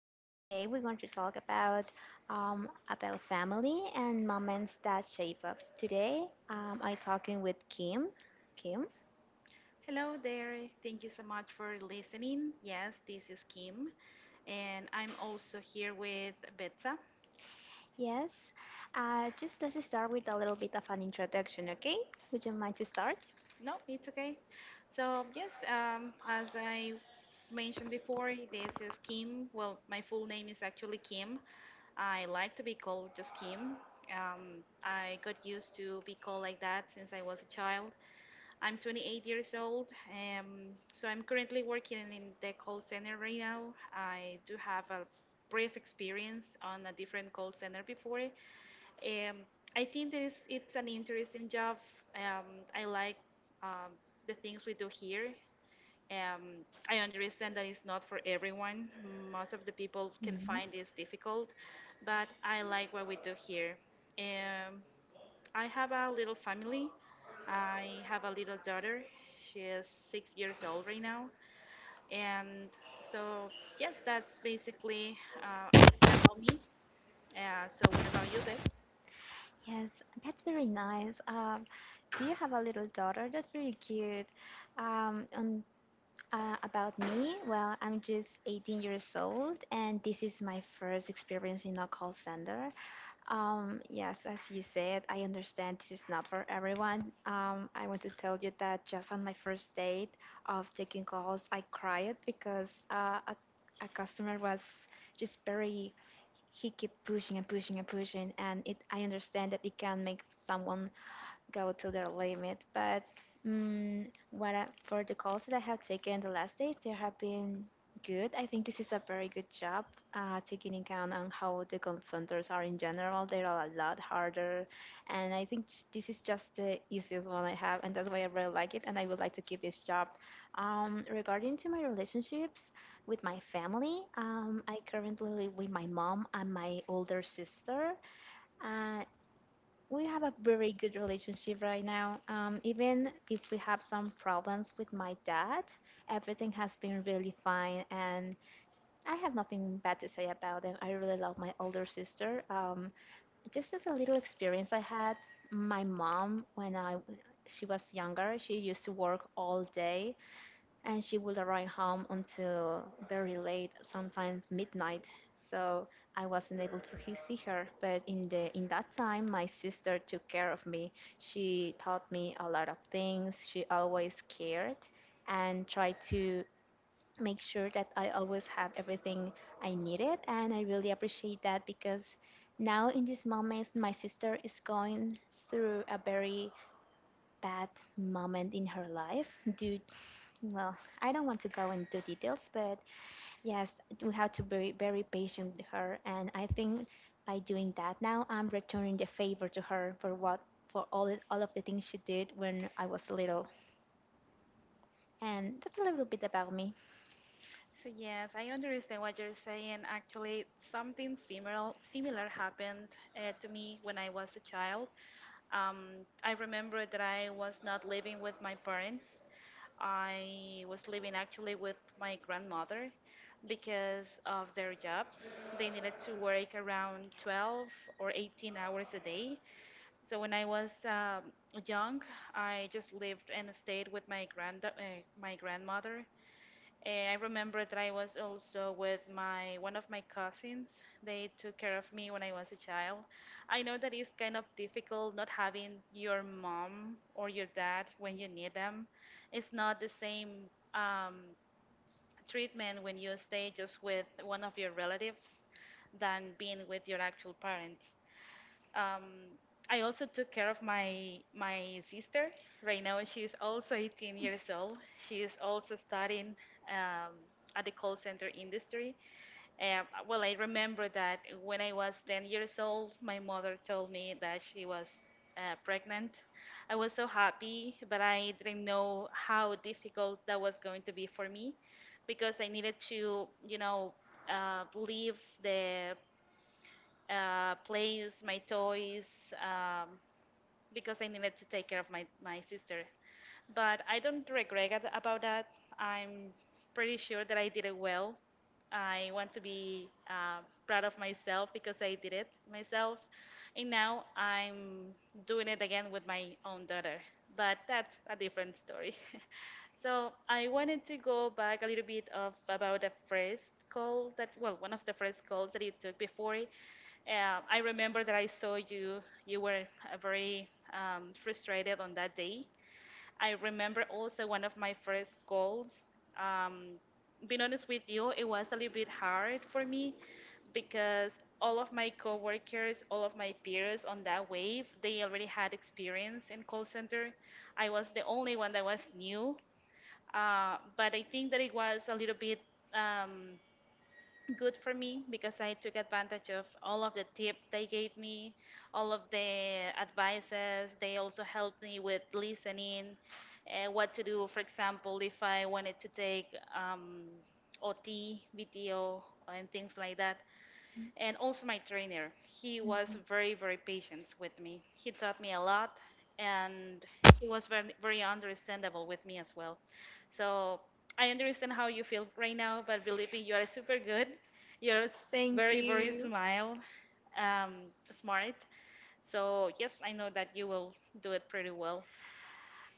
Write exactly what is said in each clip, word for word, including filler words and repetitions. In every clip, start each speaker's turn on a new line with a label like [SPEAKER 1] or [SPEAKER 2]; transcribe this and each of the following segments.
[SPEAKER 1] Uh, today we're going to talk about um, about family and moments that shape us. Today um, I'm talking with Kim. Kim,
[SPEAKER 2] Hello there. Thank you so much for listening. Yes, this is Kim, and I'm also here with Betsa.
[SPEAKER 1] yes. Uh, just let's start with a little bit of an introduction, okay? Would you mind to start?
[SPEAKER 2] No, it's okay. So, yes, um, as I mentioned before, this is Kim. Well, my full name is actually Kim. I like to be called just Kim. Um, I got used to be called like that since I was a child. I'm twenty-eight years old, um, so I'm currently working in the call center right now. I do have a brief experience on a different call center before. Um, I think that it's, it's an interesting job. Um, I like um, the things we do here. Um, I understand that it's not for everyone. Most of the people can
[SPEAKER 1] Mhm.
[SPEAKER 2] find this difficult, but I like what we do here. Um, I have a little family. I have a little daughter. She is six years old right now. And so, yes, that's basically uh, a little bit about me. Uh, so, what about you, Beth?
[SPEAKER 1] Yes, that's very nice. Um, do you have a little daughter? That's very cute. Um, and, uh, about me, well, I'm just eighteen years old, and this is my first experience in a call center. Um, yes, as you said, I understand this is not for everyone. Um, I want to tell you that just on my first date of taking calls, I cried because uh, a, a customer was just very, he kept pushing and pushing and pushing, and it, I understand that it can make someone go to their limit. But mm what I, for the calls that I have taken the last days, they have been good. I think this is a very good job, uh, taking in account on how the call centers are in general. They're a lot harder, and I think this is just the easiest one I have, and that's why I really like it. And I would like to keep this job. Um, regarding to my relationships with my family, um, I currently live with my mom and my older sister. Uh, we have a very good relationship right now. Um, even if we have some problems with my dad, everything has been really fine, and I have nothing bad to say about him. I really love my older sister. Um, just as a little experience I had, my mom when I she was younger, she used to work all day and she would arrive home until very late, sometimes midnight. So I wasn't able to he- see her, but in the in that time, my sister took care of me. She taught me a lot of things. She always cared and tried to make sure that I always have everything I needed, and I really appreciate that because now in these moments, my sister is going through a very bad moment in her life, due well, I don't want to go into details, but yes, we have to be very patient with her, and I think by doing that now, I'm returning the favor to her for what for all, all of the things she did when I was little, and that's a little bit about me.
[SPEAKER 2] So yes, I understand what you're saying. Actually, something similar similar happened uh, to me when I was a child. Um, I remember that I was not living with my parents, I was living actually with my grandmother because of their jobs. They needed to work around twelve or eighteen hours a day. So when I was um, young, I just lived and stayed with my grand uh, my grandmother. Eh, I remember that I was also with my one of my cousins. They took care of me when I was a child. I know that it's kind of difficult not having your mom or your dad when you need them. It's not the same um, treatment when you stay just with one of your relatives than being with your actual parents. Um, I also took care of my my sister. Right now, she is also eighteen years old. She is also studying um, at the call center industry. Um, well, I remember that when I was ten years old, my mother told me that she was uh, pregnant. I was so happy, but I didn't know how difficult that was going to be for me because I needed to, you know, uh, leave the uh, plays, my toys, um, because I needed to take care of my, my sister. But I don't regret at- about that. I'm pretty sure that I did it well. I want to be uh, proud of myself because I did it myself. And now I'm doing it again with my own daughter. But that's a different story. So I wanted to go back a little bit of about the first call that well, one of the first calls that you took before. uh, I remember that I saw you. You were uh, very um, frustrated on that day. I remember also one of my first goals. Um, being honest with you, it was a little bit hard for me because all of my coworkers, all of my peers on that wave, they already had experience in call center. I was the only one that was new. Uh, but I think that it was a little bit um, good for me because I took advantage of all of the tips they gave me, all of the advices. They also helped me with listening, uh, what to do. For example, if I wanted to take um, O T, V T O, and things like that, and also my trainer. He was very, very patient with me. He taught me a lot, and he was very, very understandable with me as well. So I understand how you feel right now, but believe me, you are super good. You're s- Very, very smile, um, smart. So yes, I know that you will do it pretty well.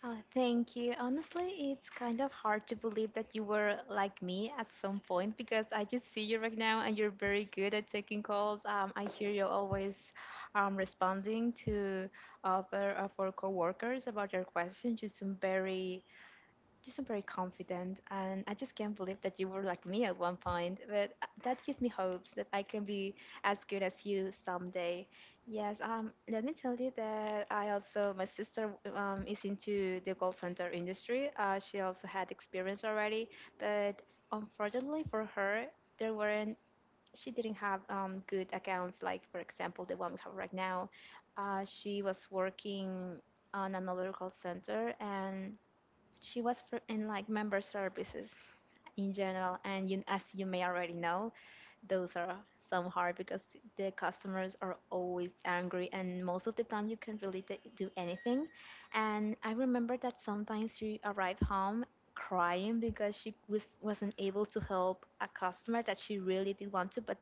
[SPEAKER 1] Oh, thank you. Honestly, it's kind of hard to believe that you were like me at some point because I just see you right now and you're very good at taking calls. Um, I hear you always um, responding to other of our coworkers about their questions. You seem very, just I'm very confident, and I just can't believe that you were like me at one point. But uh, that gives me hopes that I can be as good as you someday. Yes, um, let me tell you that I also my sister um, is into the call center industry. Uh, she also had experience already, but unfortunately for her, there weren't. She didn't have um, good accounts, like for example the one we have right now. Uh, she was working on another call center and she was for, in like member services in general, and you, as you may already know, those are some hard because the customers are always angry, and most of the time you can't really t- do anything. And I remember that sometimes she arrived home crying because she was wasn't able to help a customer that she really did want to, but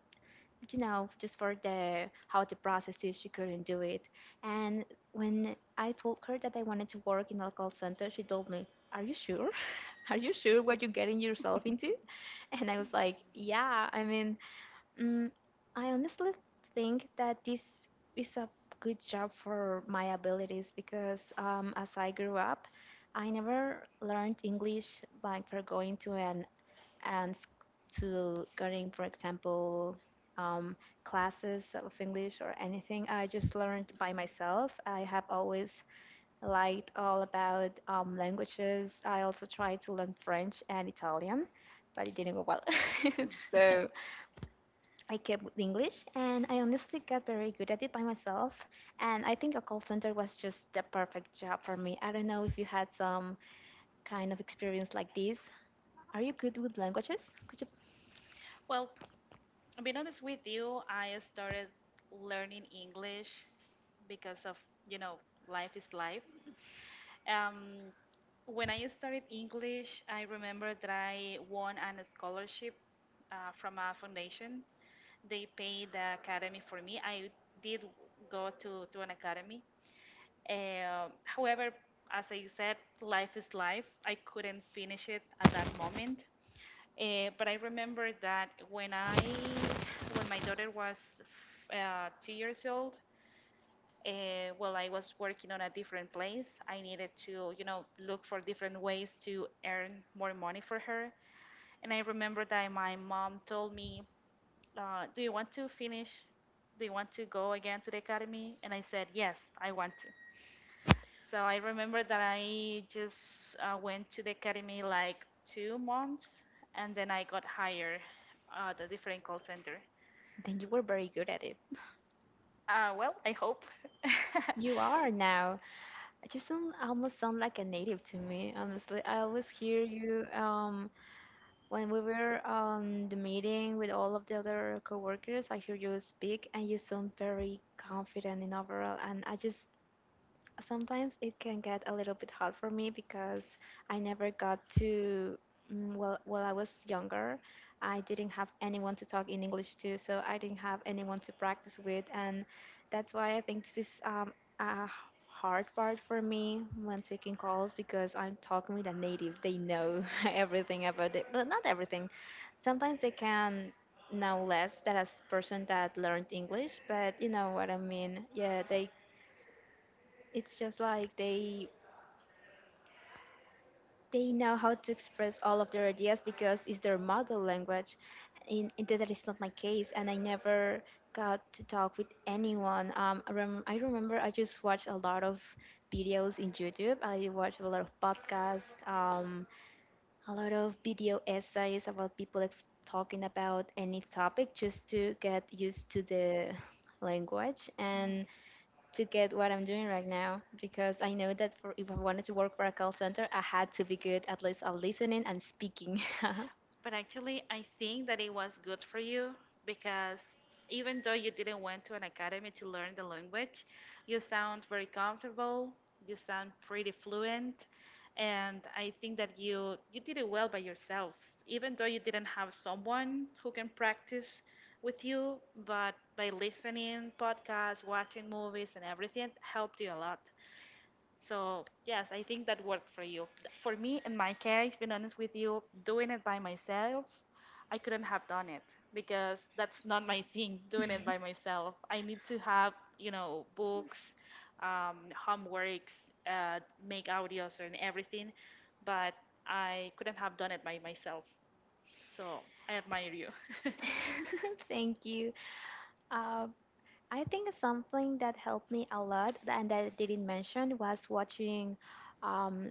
[SPEAKER 1] you know, just for the how the process is, she couldn't do it. And when I told her that I wanted to work in a call center, she told me, "Are you sure? Are you sure what you're getting yourself into?" And I was like, "Yeah, I mean, mm, I honestly think that this is a good job for my abilities because um, as I grew up, I never learned English like for going to a and s- to getting, for example, um, classes of English or anything. I just learned by myself. I have always liked all about um, languages. I also tried to learn French and Italian, but it didn't go well. So I kept with English, and I honestly got very good at it by myself. And I think a call center was just the perfect job for me. I don't know if you had some kind of experience like this. Are you good with languages? Could you
[SPEAKER 2] Well, to be honest with you, I started learning English because of, you know, life is life. Um, When I started English, I remember that I won a scholarship uh, from a foundation. They paid the academy for me. I did go to, to an academy. Uh, however, as I said, life is life. I couldn't finish it at that moment. Uh, but I remember that when I when my daughter was f- uh, two years old, uh, well, I was working on a different place. I needed to, you know, look for different ways to earn more money for her. And I remember that my mom told me, uh, "Do you want to finish? Do you want to go again to the academy?" And I said, "Yes, I want to." So I remember that I just uh, went to the academy like two months, and then I got hired uh, at a different call center.
[SPEAKER 1] Then you were very good at it.
[SPEAKER 2] Uh, well, I hope.
[SPEAKER 1] You are now. You sound almost sound like a native to me, honestly. I always hear you um when we were on the meeting with all of the other coworkers, I hear you speak and you sound very confident in overall, and I just sometimes it can get a little bit hard for me because I never got to, mm, well, while I was younger, I didn't have anyone to talk in English to, so I didn't have anyone to practice with, and that's why I think this is um, a h- hard part for me when taking calls because I'm talking with a native. They know everything about it, but not everything. Sometimes they can know less than a s- person that learned English, but you know what I mean. Yeah, they it's just like they they know how to express all of their ideas because it's their mother language. In, in that that is not my case, and I never got to talk with anyone. Um, I, rem- I remember I just watched a lot of videos in YouTube. I watched a lot of podcasts, um, a lot of video essays about people ex- talking about any topic just to get used to the language and to get what I'm doing right now because I know that for, if I wanted to work for a call center, I had to be good at least at listening and speaking.
[SPEAKER 2] But actually, I think that it was good for you because even though you didn't went to an academy to learn the language, you sound very comfortable, you sound pretty fluent, and I think that you you did it well by yourself. Even though you didn't have someone who can practice with you, but by listening podcasts, watching movies and everything helped you a lot. So, yes, I think that worked for you. Th- For me, in my case, being honest with you, doing it by myself, I couldn't have done it because that's not my thing, doing it by myself. I need to have, you know, books, um, homeworks, uh, make audios and everything, but I couldn't have done it by myself. So, I admire you.
[SPEAKER 1] Thank you. Uh, I think something that helped me a lot tha- and that I didn't mention was watching um,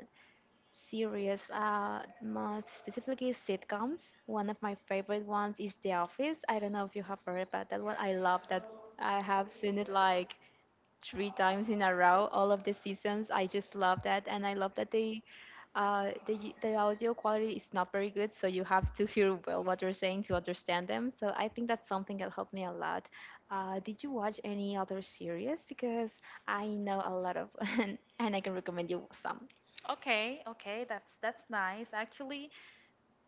[SPEAKER 1] series, uh, more specifically sitcoms. One of my favorite ones is The Office. I don't know if you have heard about that one. I love that. s- I have seen it like three times in a row, all of the seasons. I just love that, and I love that they uh, the, the audio quality is not very good, so you have to hear well what they're saying to understand them. So I think that's something that helped me a lot. Uh, did you watch any other series? Because I know a lot of and, and I can recommend you some
[SPEAKER 2] Okay, okay, that's that's nice. Actually,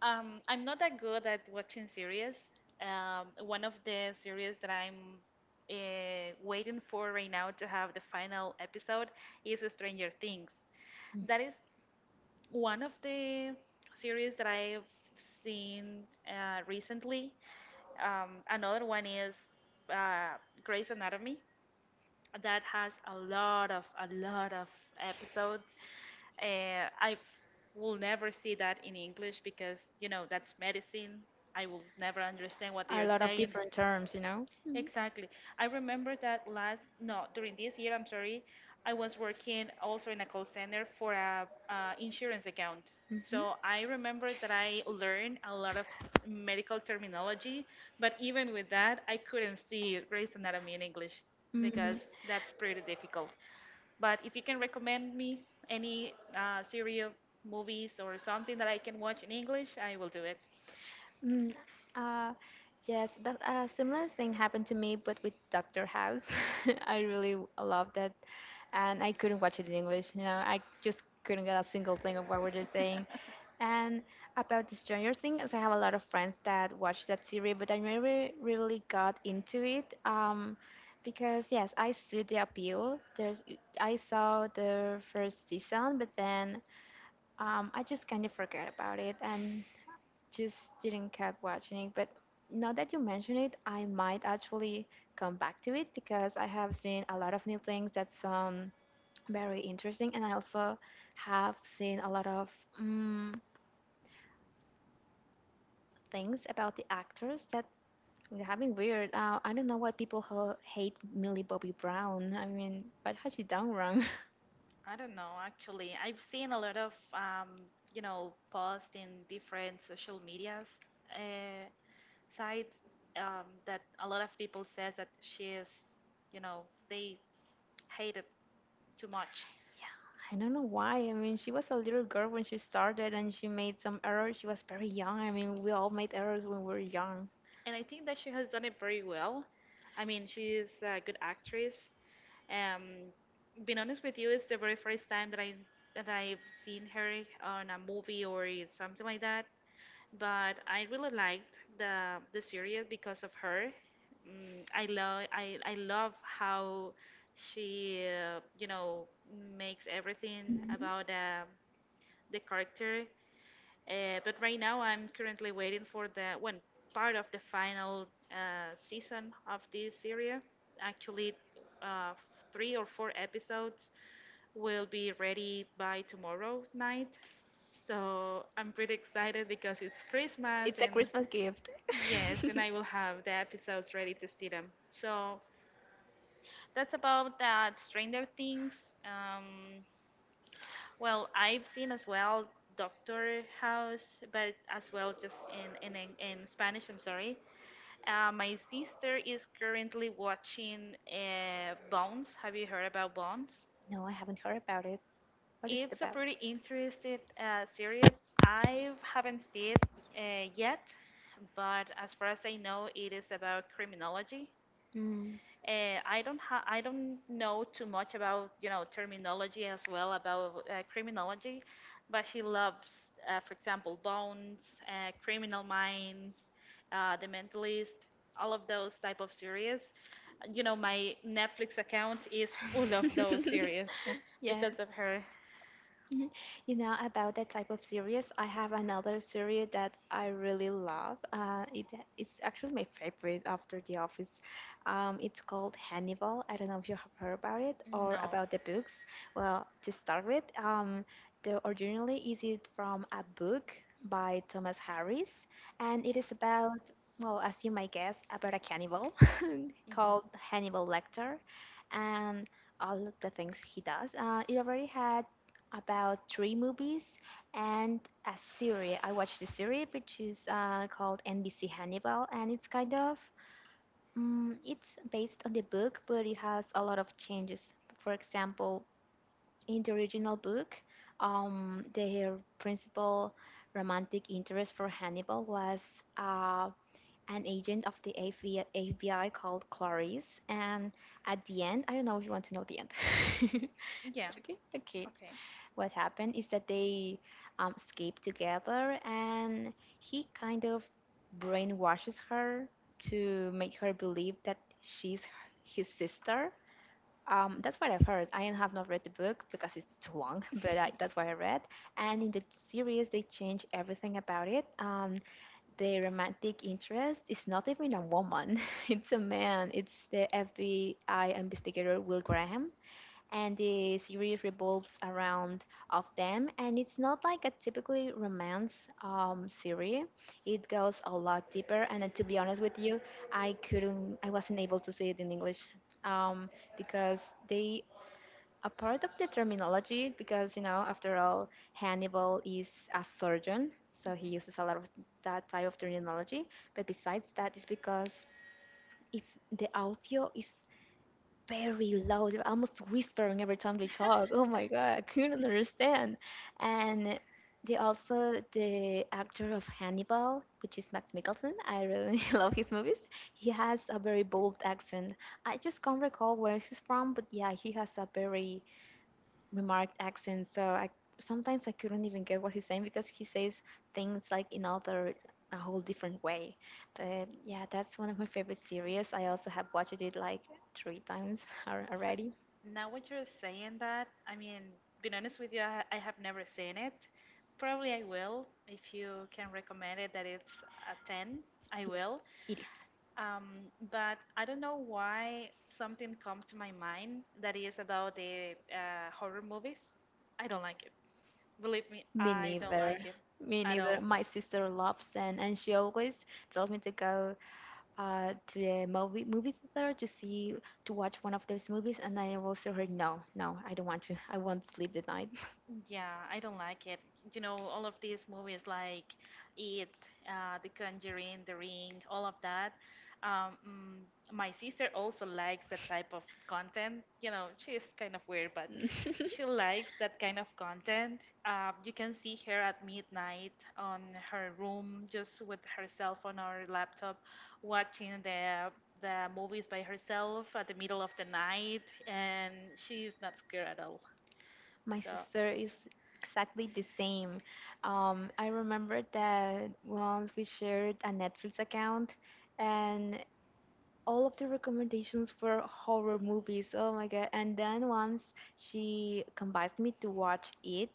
[SPEAKER 2] Um, I'm not that good at watching series. Um, one of the series that I'm uh, waiting for right now to have the final episode is Stranger Things. That is one of the series that I've seen uh, recently. Um, another one is uh, Grey's Anatomy that has a lot of a lot of episodes. Uh, I will never see that in English because you know that's medicine. I will never understand what they
[SPEAKER 1] a
[SPEAKER 2] are
[SPEAKER 1] lot of
[SPEAKER 2] saying.
[SPEAKER 1] different terms you know
[SPEAKER 2] Exactly. I remember that last, no, during this year, I'm sorry, I was working also in a call center for a uh, insurance account.
[SPEAKER 1] Mhm.
[SPEAKER 2] So I remember that I learned a lot of medical terminology, but even with that, I couldn't see Grey's Anatomy in English because
[SPEAKER 1] Mm,
[SPEAKER 2] that's pretty difficult. But if you can recommend me any uh, series of movies or something that I can watch in English, I will do it.
[SPEAKER 1] mm, uh, yes, that a similar thing happened to me, but with Doctor House. I really w- loved it, and I couldn't watch it in English. You know, I just couldn't get a single thing of what were they saying. And about the Stranger Things, I have a lot of friends that watch that series, but I never really got into it. Um, because yes, I see the appeal. There's, I saw the first season, but then. Um, I just kind of forgot about it and just didn't keep watching it. But now that you mention it, I might actually come back to it because I have seen a lot of new things that's um very interesting, and I also have seen a lot of um, things about the actors that are having weird. Uh, I don't know why people ho- hate Millie Bobby Brown. I mean, what has she done wrong?
[SPEAKER 2] I don't know, actually. I've seen a lot of, um, you know, posts in different social medias uh, sites um, that a lot of people says that she is, you know, they hate it too much.
[SPEAKER 1] Yeah, I don't know why. I mean, she was a little girl when she started and she made some errors. She was very young. I mean, we all made errors when we were young.
[SPEAKER 2] And I think that she has done it very well. I mean, she is a good actress. Um, being honest with you, it's the very first time that I that I've seen her on a movie or something like that, but I really liked the the series because of her. Mm, I love I, I love how she uh, you know makes everything
[SPEAKER 1] Mhm.
[SPEAKER 2] about uh, the character. Uh, but right now I'm currently waiting for the one part of the final uh, season of this series. Actually, uh, three or four episodes will be ready by tomorrow night. So I'm pretty excited because it's Christmas
[SPEAKER 1] It's a
[SPEAKER 2] and
[SPEAKER 1] Christmas gift.
[SPEAKER 2] yes, and I will have the episodes ready to see them. So that's about that Stranger Things. Um, well, I've seen as well Doctor House, but as well just in in in in Spanish. I'm sorry. Uh, my sister is currently watching uh, Bones. Have you heard about Bones?
[SPEAKER 1] No, I haven't heard about it. What is it
[SPEAKER 2] It's a
[SPEAKER 1] about?
[SPEAKER 2] pretty interesting uh, series. I haven't seen it uh, yet, but as far as I know, it is about criminology.
[SPEAKER 1] Mm.
[SPEAKER 2] Uh, I don't ha- I don't know too much about you know terminology as well about uh, criminology, but she loves, uh, for example, Bones, uh, Criminal Minds, uh, The Mentalist, all of those type of series. You know, my Netflix account is full of those series
[SPEAKER 1] Yes.
[SPEAKER 2] because of her.
[SPEAKER 1] Mhm. You know, about that type of series, I have another series that I really love. Uh, it, it's actually my favorite after The Office. Um, it's called Hannibal. I don't know if you have heard about it or
[SPEAKER 2] No.
[SPEAKER 1] about the books. Well, to start with, um, the originally is it from a book by Thomas Harris, and it is about, well, as you might guess, about a cannibal
[SPEAKER 2] Hmm.
[SPEAKER 1] called Hannibal Lecter, and all of the things he does. Uh, it already had about three movies and a series. I watched the series, which is uh, called N B C Hannibal, and it's kind of, mm it's based on the book, but it has a lot of changes. For example, in the original book, um, their principal romantic interest for Hannibal was a an agent of the A V called Clarice. And at the end, I don't know if you want to know the end. Is
[SPEAKER 2] Yeah.
[SPEAKER 1] that okay? Okay.
[SPEAKER 2] Okay.
[SPEAKER 1] What happened is that they um, escaped together, and he kind of brainwashes her to make her believe that she's his sister. Um, that's what I've heard. I have not read the book because it's too long, but I, that's what I read. And in the series, they change everything about it. Um, the romantic interest is not even a woman, it's a man. It's the F B I investigator Will Graham. And the series revolves around of them, and it's not like a typically romance um, series. It goes a lot deeper, and uh, to be honest with you, I couldn't, I wasn't able to see it in English um, because they a part of the terminology because you know after all hannibal is a surgeon so he
[SPEAKER 2] Hmm.
[SPEAKER 1] uses a lot of that type of terminology. But besides that, it's because if the audio is very loud they're almost whispering every time they talk. Oh my god, I couldn't understand. And they also the actor of hannibal, which is max mikkelsen, I really love his movies. He has a very bold accent. I just can't recall where he's from, but yeah, he has a very remarked accent. So I sometimes I couldn't even get what he's saying because he says things like in other a whole different way. But yeah, that's one of my favorite series. I also have watched it like three times al-
[SPEAKER 2] So
[SPEAKER 1] already.
[SPEAKER 2] now what you're saying that, I mean, being honest with you, I, ha- I have never seen it. Probably I will if you can recommend it that it's a ten. I
[SPEAKER 1] Yes,
[SPEAKER 2] will.
[SPEAKER 1] it is.
[SPEAKER 2] Um, but I don't know why something come to my mind that is about the uh, horror movies. I don't like it. Believe me,
[SPEAKER 1] Me
[SPEAKER 2] I don't
[SPEAKER 1] neither.
[SPEAKER 2] like it
[SPEAKER 1] Me
[SPEAKER 2] at all.
[SPEAKER 1] neither. My sister loves and and she always tells me to go uh, to the movie movie theater to see to watch one of those movies, and I will tell her no, no, I don't want to. I won't sleep the night.
[SPEAKER 2] Yeah, I don't like it. You know, all of these movies like It, uh, The Conjuring, The Ring, all of that. Um, mm, my sister also likes that type of content. You know, she's kind of weird, but she likes that kind of content. Uh, you can see her at midnight on her room, just with her cell phone or laptop, watching the the movies by herself at the middle of the night, and she's not scared at all.
[SPEAKER 1] My
[SPEAKER 2] So.
[SPEAKER 1] sister is exactly the same. Um, I remember that once we shared a Netflix account and all of the recommendations were horror movies. Oh my god. And then once she convinced me to watch it,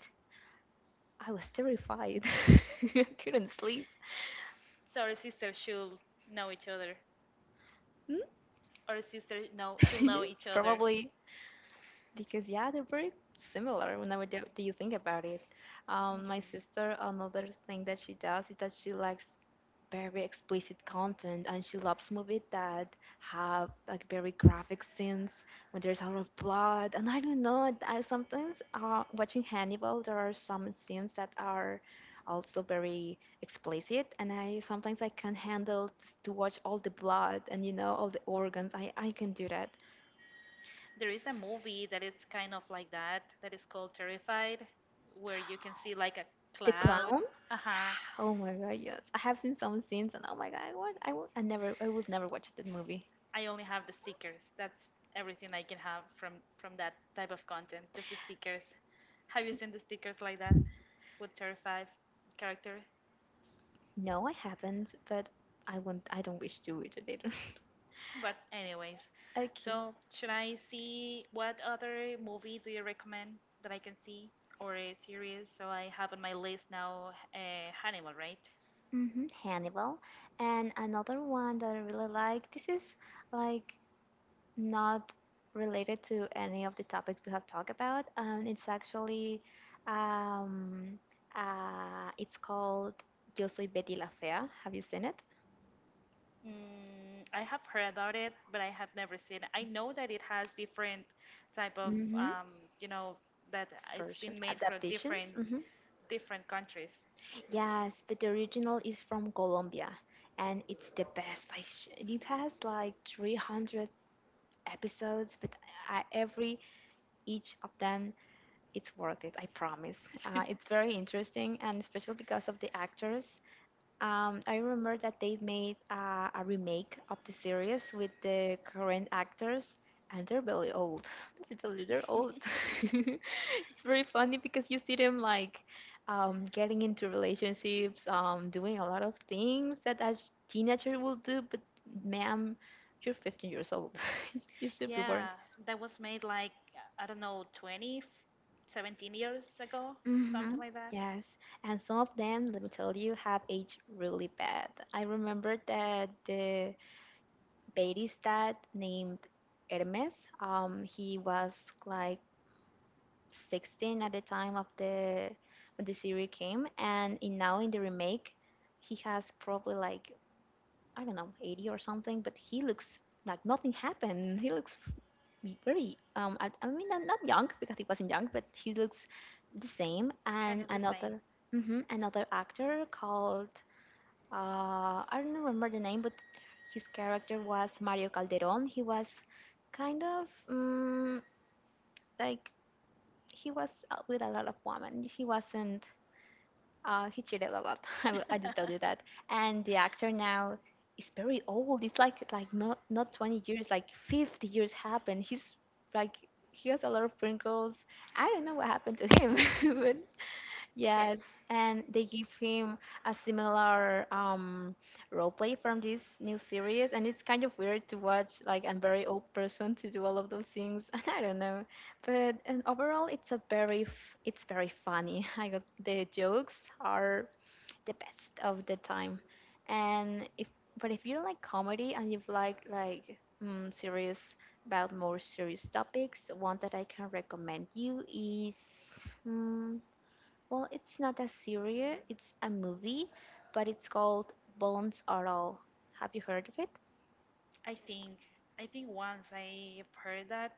[SPEAKER 1] I was terrified. I couldn't sleep.
[SPEAKER 2] So our sisters should know each other.
[SPEAKER 1] Hmm?
[SPEAKER 2] Our sisters know should know each other.
[SPEAKER 1] Probably, because yeah, they're very similar whenever do do you think about it. Um, my
[SPEAKER 2] Mhm.
[SPEAKER 1] sister, another thing that she does is that she likes very explicit content, and she loves movies that have like very graphic scenes when there's a lot of blood. And I don't know, I sometimes uh, watching Hannibal, there are some scenes that are also very explicit, and I sometimes I can't handle to watch all the blood and you know all the organs. I I can do that.
[SPEAKER 2] There is a movie that is kind of like that, that is called Terrified, where you can see like a
[SPEAKER 1] The clown?
[SPEAKER 2] cloud. Uh-huh.
[SPEAKER 1] Yeah. Oh my god, yes. I have seen some scenes and oh my god, I would, I would, I never, I would never watch that movie.
[SPEAKER 2] I only have the stickers. That's everything I can have from from that type of content, just the stickers. Have you seen the stickers like that with Terrified character?
[SPEAKER 1] No, I haven't, but I won't, I don't wish to it later.
[SPEAKER 2] But anyways,
[SPEAKER 1] Okay.
[SPEAKER 2] so should I see what other movie do you recommend that I can see or a series? So I have on my list now uh, Hannibal, right?
[SPEAKER 1] Hmm. Hannibal. And another one that I really like, this is like not related to any of the topics we have talked about. Um, it's actually, um, uh, it's called Yo Soy Betty la Fea. Have you seen it?
[SPEAKER 2] Mm, I have heard about it, but I have never seen it. I know that it has different type of,
[SPEAKER 1] Mm-hmm.
[SPEAKER 2] um, you know, that it's
[SPEAKER 1] Version
[SPEAKER 2] been made for
[SPEAKER 1] adaptations.
[SPEAKER 2] different
[SPEAKER 1] Hmm.
[SPEAKER 2] different countries.
[SPEAKER 1] Yes, but the original is from Colombia, and it's the best. Like sh- it has like three hundred episodes, but I, every each of them it's worth it. I promise. Uh, it's very interesting, and especially because of the actors. Um, I remember that they made uh, a remake of the series with the current actors, and they're really old. I tell you, they're old. It's very funny because you see them like um, getting into relationships, um, doing a lot of things that as teenager will do, but ma'am, you're fifteen years old. You should be working.
[SPEAKER 2] Yeah, that was made like I don't know, twenty, seventeen years ago,
[SPEAKER 1] Mm-hmm.
[SPEAKER 2] something like that.
[SPEAKER 1] Yes, and some of them, let me tell you, have aged really bad. I remember that the barista named Hermes, um, he was like sixteen at the time of the when the series came, and in, now in the remake, he has probably like I don't know eighty or something, but he looks like nothing happened. He looks be very um I, I mean not, not young because he wasn't young, but he looks the same.
[SPEAKER 2] Kind
[SPEAKER 1] And
[SPEAKER 2] of the same.
[SPEAKER 1] another mhm, another actor called uh I don't remember the name, but his character was Mario Calderon. He was kind of um, like he was out with a lot of women. He wasn't uh, he cheated a lot. I will, I will tell you that. And the actor now is very old. It's like like not not twenty years, like fifty years happened. He's like he has a lot of wrinkles. I don't know what happened to him, but
[SPEAKER 2] okay.
[SPEAKER 1] yes, and they give him a similar um, role play from this new series, and it's kind of weird to watch like a very old person to do all of those things. I don't know, but and overall, it's a very f- it's very funny. I got the jokes are the best of the time. And if but if you don't like comedy and you like like um, serious about more serious topics, one that I can recommend you is. Mm, well, it's not a series, it's a movie, but it's called Bones Are All. Have you heard of it?
[SPEAKER 2] I think I think once I've heard that.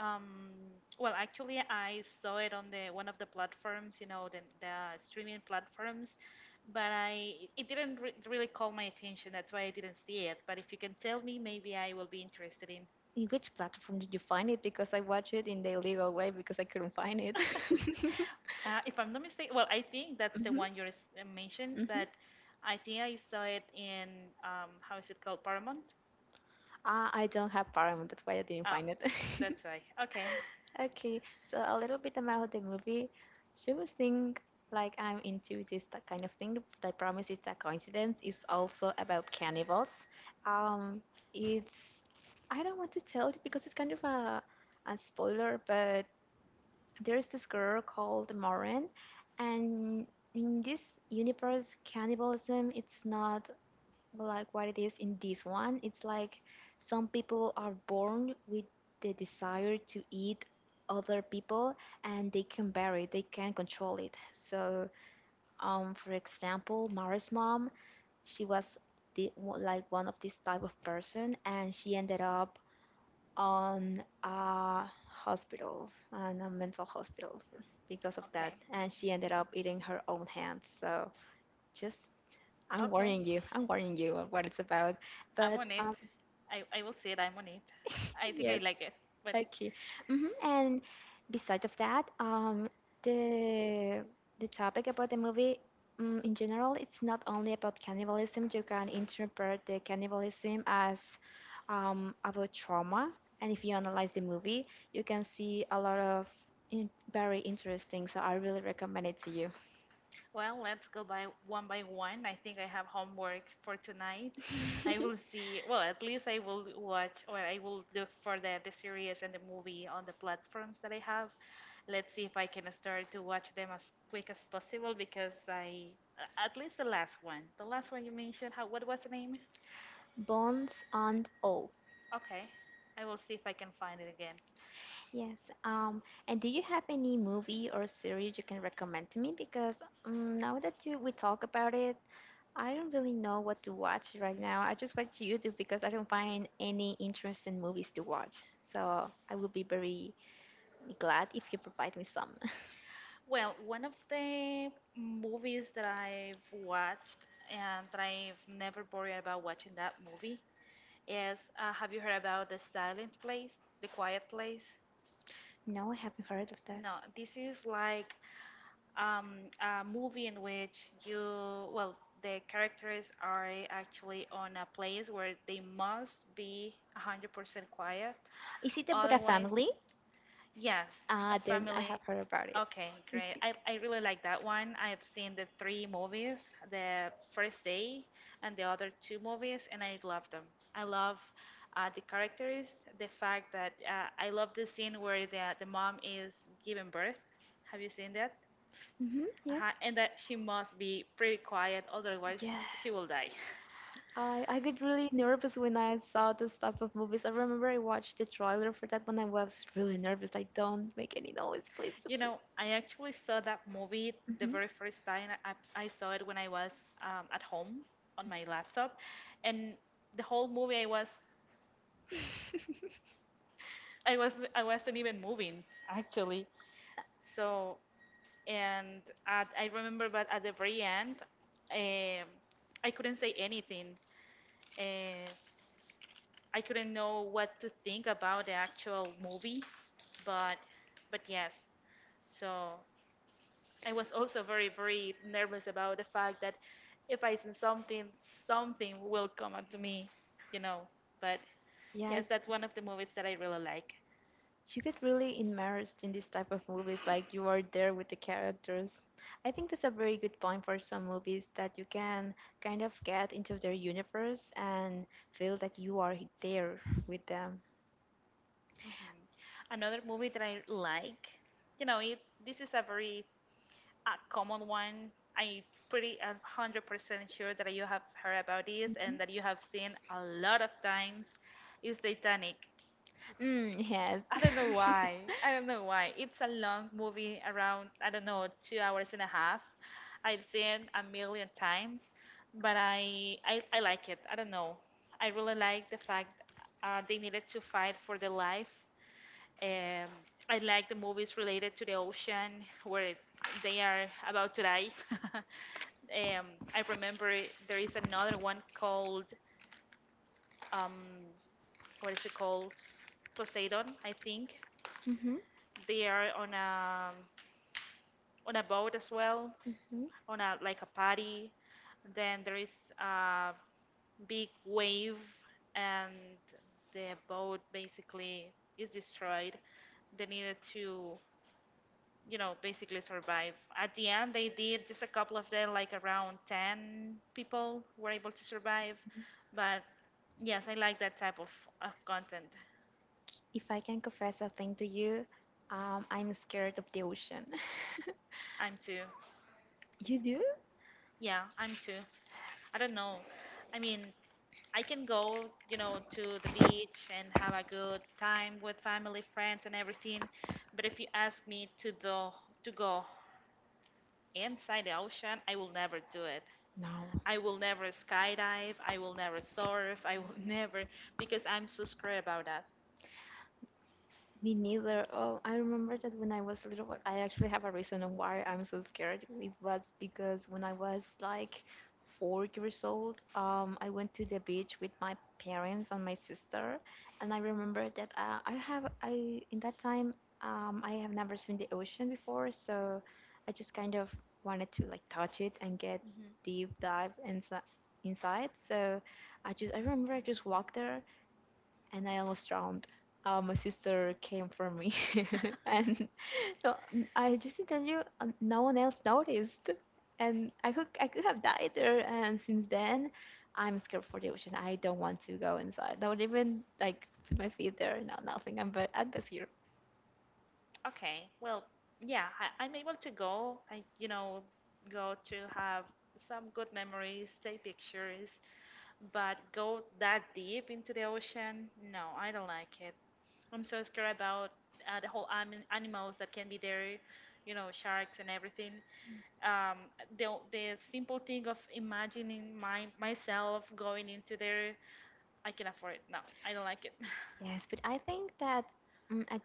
[SPEAKER 2] Um, well, actually, I saw it on the one of the platforms, you know, the, the streaming platforms, but I it didn't re really call my attention. That's why I didn't see it. But if you can tell me, maybe I will be interested in
[SPEAKER 1] In which platform did you find it? Because I watched it in the illegal way because I couldn't find it.
[SPEAKER 2] Uh, if I'm not mistaken, well, I think that's the
[SPEAKER 1] Hmm.
[SPEAKER 2] one you res- uh, mentioned,
[SPEAKER 1] Hmm.
[SPEAKER 2] but I think I saw it in um, how is it called, Paramount?
[SPEAKER 1] Uh, I don't have Paramount. That's why I didn't
[SPEAKER 2] Oh,
[SPEAKER 1] find it.
[SPEAKER 2] that's why. Okay,
[SPEAKER 1] Okay, so a little bit about the movie. She would think like I'm into this t- kind of thing. I promise it's a coincidence. It's also about cannibals. Um, it's I don't want to tell it because it's kind of a a spoiler, but there's this girl called Moran, and in this universe, cannibalism it's not like what it is in this one. It's like some people are born with the desire to eat other people, and they can bear it, they can control it. So, um, for example, Mara's mom, she was the, like one of this type of person, and she ended up on a hospital, on a mental hospital because of that.
[SPEAKER 2] okay,
[SPEAKER 1] And she ended up eating her own hands. So, just I'm
[SPEAKER 2] okay.
[SPEAKER 1] warning you. I'm warning you of what it's about.
[SPEAKER 2] I'm
[SPEAKER 1] But
[SPEAKER 2] on it.
[SPEAKER 1] um,
[SPEAKER 2] I, I will see it. I'm on it. I think I
[SPEAKER 1] yes,
[SPEAKER 2] like it, but
[SPEAKER 1] okay. Hmm. And besides of that, um, the the topic about the movie um, in general, it's not only about cannibalism. You can interpret the cannibalism as um, about trauma. And if you analyze the movie, you can see a lot of in very interesting. So I really recommend it to you.
[SPEAKER 2] well, let's go by one by one. I think I have homework for tonight. I will see, well, at least I will watch or I will look for the, the series and the movie on the platforms that I have. Let's see if I can start to watch them as quick as possible because I, a- at least the last one, the last one you mentioned, how, what was the name?
[SPEAKER 1] Bones and all.
[SPEAKER 2] Okay. I will see if I can find it again.
[SPEAKER 1] Yes. Um, and do you have any movie or series you can recommend to me? Because um, now that you we talk about it, I don't really know what to watch right now. I just watch YouTube because I don't find any interesting movies to watch. So I will be very glad if you provide me some.
[SPEAKER 2] Well, one of the movies that I've watched and that I've never worried about watching that movie. Yes, uh, have you heard about the silent place, the quiet place?
[SPEAKER 1] No, I haven't heard of that.
[SPEAKER 2] No, this is like um, a movie in which you, well, the characters are actually on a place where they must be one hundred percent quiet.
[SPEAKER 1] Is it about a
[SPEAKER 2] Otherwise,
[SPEAKER 1] family?
[SPEAKER 2] yes, a
[SPEAKER 1] Uh, then I
[SPEAKER 2] family.
[SPEAKER 1] have heard about it.
[SPEAKER 2] Okay, great.
[SPEAKER 1] Okay.
[SPEAKER 2] I, I really like that one. I've seen the three movies, the first day and the other two movies, and I love them. I love uh, the characters, the fact that uh, I love the scene where the, the mom is giving birth. Have you seen that?
[SPEAKER 1] Hmm. Yes.
[SPEAKER 2] Uh-huh. And that she must be pretty quiet, otherwise
[SPEAKER 1] Yes.
[SPEAKER 2] she will die.
[SPEAKER 1] I, I get really nervous when I saw this type of movies. I remember I watched the trailer for that one. I was really nervous. Like, don't make any noise, please.
[SPEAKER 2] You
[SPEAKER 1] Please.
[SPEAKER 2] know, I actually saw that movie the
[SPEAKER 1] Mm-hmm.
[SPEAKER 2] very first time. I, I saw it when I was um, at home on my laptop, and the whole movie I was I was I wasn't even moving actually. So and at, I remember, but at the very end, um, I couldn't say anything. Uh, I couldn't know what to think about the actual movie, but but yes. So, I was also very, very nervous about the fact that if I send something, something will come up to me, you know. But
[SPEAKER 1] Yeah,
[SPEAKER 2] yes, that's one of the movies that I really like.
[SPEAKER 1] you get really immersed in this type of movies, like you are there with the characters. I think that's a very good point for some movies that you can kind of get into their universe and feel that you are there with them.
[SPEAKER 2] hmm Another movie that I like, you know, it, this is a very uh, common one. I'm pretty a 100% sure that you have heard about this
[SPEAKER 1] Mhm.
[SPEAKER 2] and that you have seen a lot of times. Is Titanic.
[SPEAKER 1] Mm, yes.
[SPEAKER 2] I don't know why. I don't know why. It's a long movie, around, I don't know, two hours and a half. I've seen a million times, but I, I, I like it. I don't know. I really like the fact uh, they needed to fight for their life. Um, I like the movies related to the ocean where they are about to die. um, I remember it- there is another one called, um, what is it called? Poseidon, I think.
[SPEAKER 1] Mm-hmm.
[SPEAKER 2] They are on a on a boat as well,
[SPEAKER 1] Mm-hmm.
[SPEAKER 2] on a like a party. Then there is a big wave, and the boat basically is destroyed. They needed to, you know, basically survive. At the end, they did just a couple of them, like around ten people, were able to survive. But yes, I like that type of of content.
[SPEAKER 1] If I can confess a thing to you, um, I'm scared of the ocean.
[SPEAKER 2] I'm too.
[SPEAKER 1] You do?
[SPEAKER 2] Yeah, I'm too. I don't know. I mean, I can go, you know, to the beach and have a good time with family, friends, and everything. But if you ask me to the to go inside the ocean, I will never do it.
[SPEAKER 1] No,
[SPEAKER 2] I will never skydive. I will never surf. I will never because I'm so scared about that.
[SPEAKER 1] me neither. Oh, I remember that when I was little, I actually have a reason on why I'm so scared. It was because when I was like four years old, um, I went to the beach with my parents and my sister, and I remember that uh, I have I in that time um, I have never seen the ocean before, so I just kind of wanted to like touch it and get
[SPEAKER 2] hmm
[SPEAKER 1] deep dive inside. Inside, so I just I remember I just walked there and I almost drowned. Uh, my sister came for me, and no, I just tell you, uh, no one else noticed, and I could I could have died there. And since then, I'm scared for the ocean. I don't want to go inside. Don't even like put my feet there. No, nothing. I'm but I'm best here.
[SPEAKER 2] Okay, well, yeah, I, I'm able to go. I, you know, go to have some good memories, take pictures, but go that deep into the ocean? No, I don't like it. I'm so scared about uh, the whole anim- animals that can be there, you know, sharks and everything. Um, the the simple thing of imagining my myself going into there, I can afford it. No, I don't like it.
[SPEAKER 1] Yes, but I think that mm, I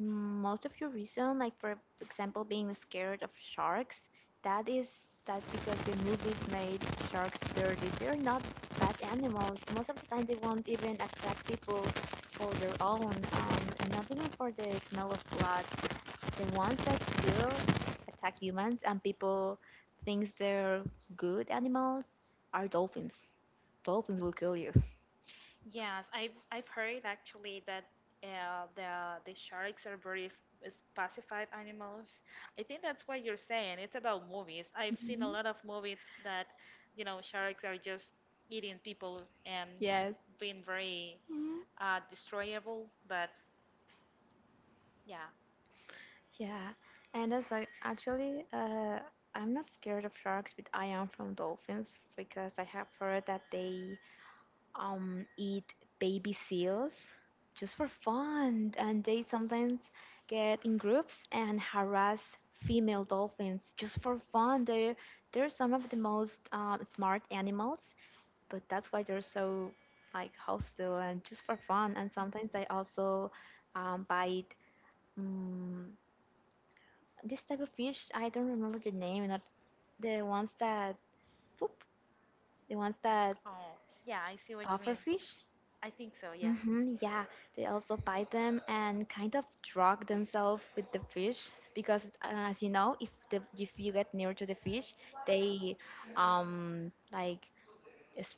[SPEAKER 1] Mm, most of your reason, like for example being scared of sharks, that is that because the movies made sharks dirty. They're not bad animals most of the time. They won't even attract people for their own, um, and not even for the smell of blood they once like will attack humans, and people thinks they're good animals are dolphins. Dolphins will kill you.
[SPEAKER 2] Yes, I've I've heard actually that uh, the the sharks are very f- is pacified animals. I think that's what you're saying. It's about movies. I've seen a
[SPEAKER 1] Mhm.
[SPEAKER 2] lot of movies that, you know, sharks are just eating people and
[SPEAKER 1] Yes.
[SPEAKER 2] being very
[SPEAKER 1] Mhm.
[SPEAKER 2] uh, destroyable. But yeah,
[SPEAKER 1] Yeah, and as I actually, uh, I'm not scared of sharks, but I am from dolphins because I have heard that they um, eat baby seals just for fun, and they sometimes get in groups and harass female dolphins just for fun. They're they're some of the most um, smart animals, but that's why they're so like hostile and just for fun. And sometimes they
[SPEAKER 2] hmm
[SPEAKER 1] also um, bite mm this type of fish. I don't remember the name, not the ones that poop, the ones that
[SPEAKER 2] oh yeah, I see what you
[SPEAKER 1] puffer
[SPEAKER 2] mean.
[SPEAKER 1] fish.
[SPEAKER 2] I think so. Yeah,
[SPEAKER 1] Hmm, yeah, they also bite them and kind of drug themselves with the fish because, uh, as you know, if the if you get near to the fish, they um like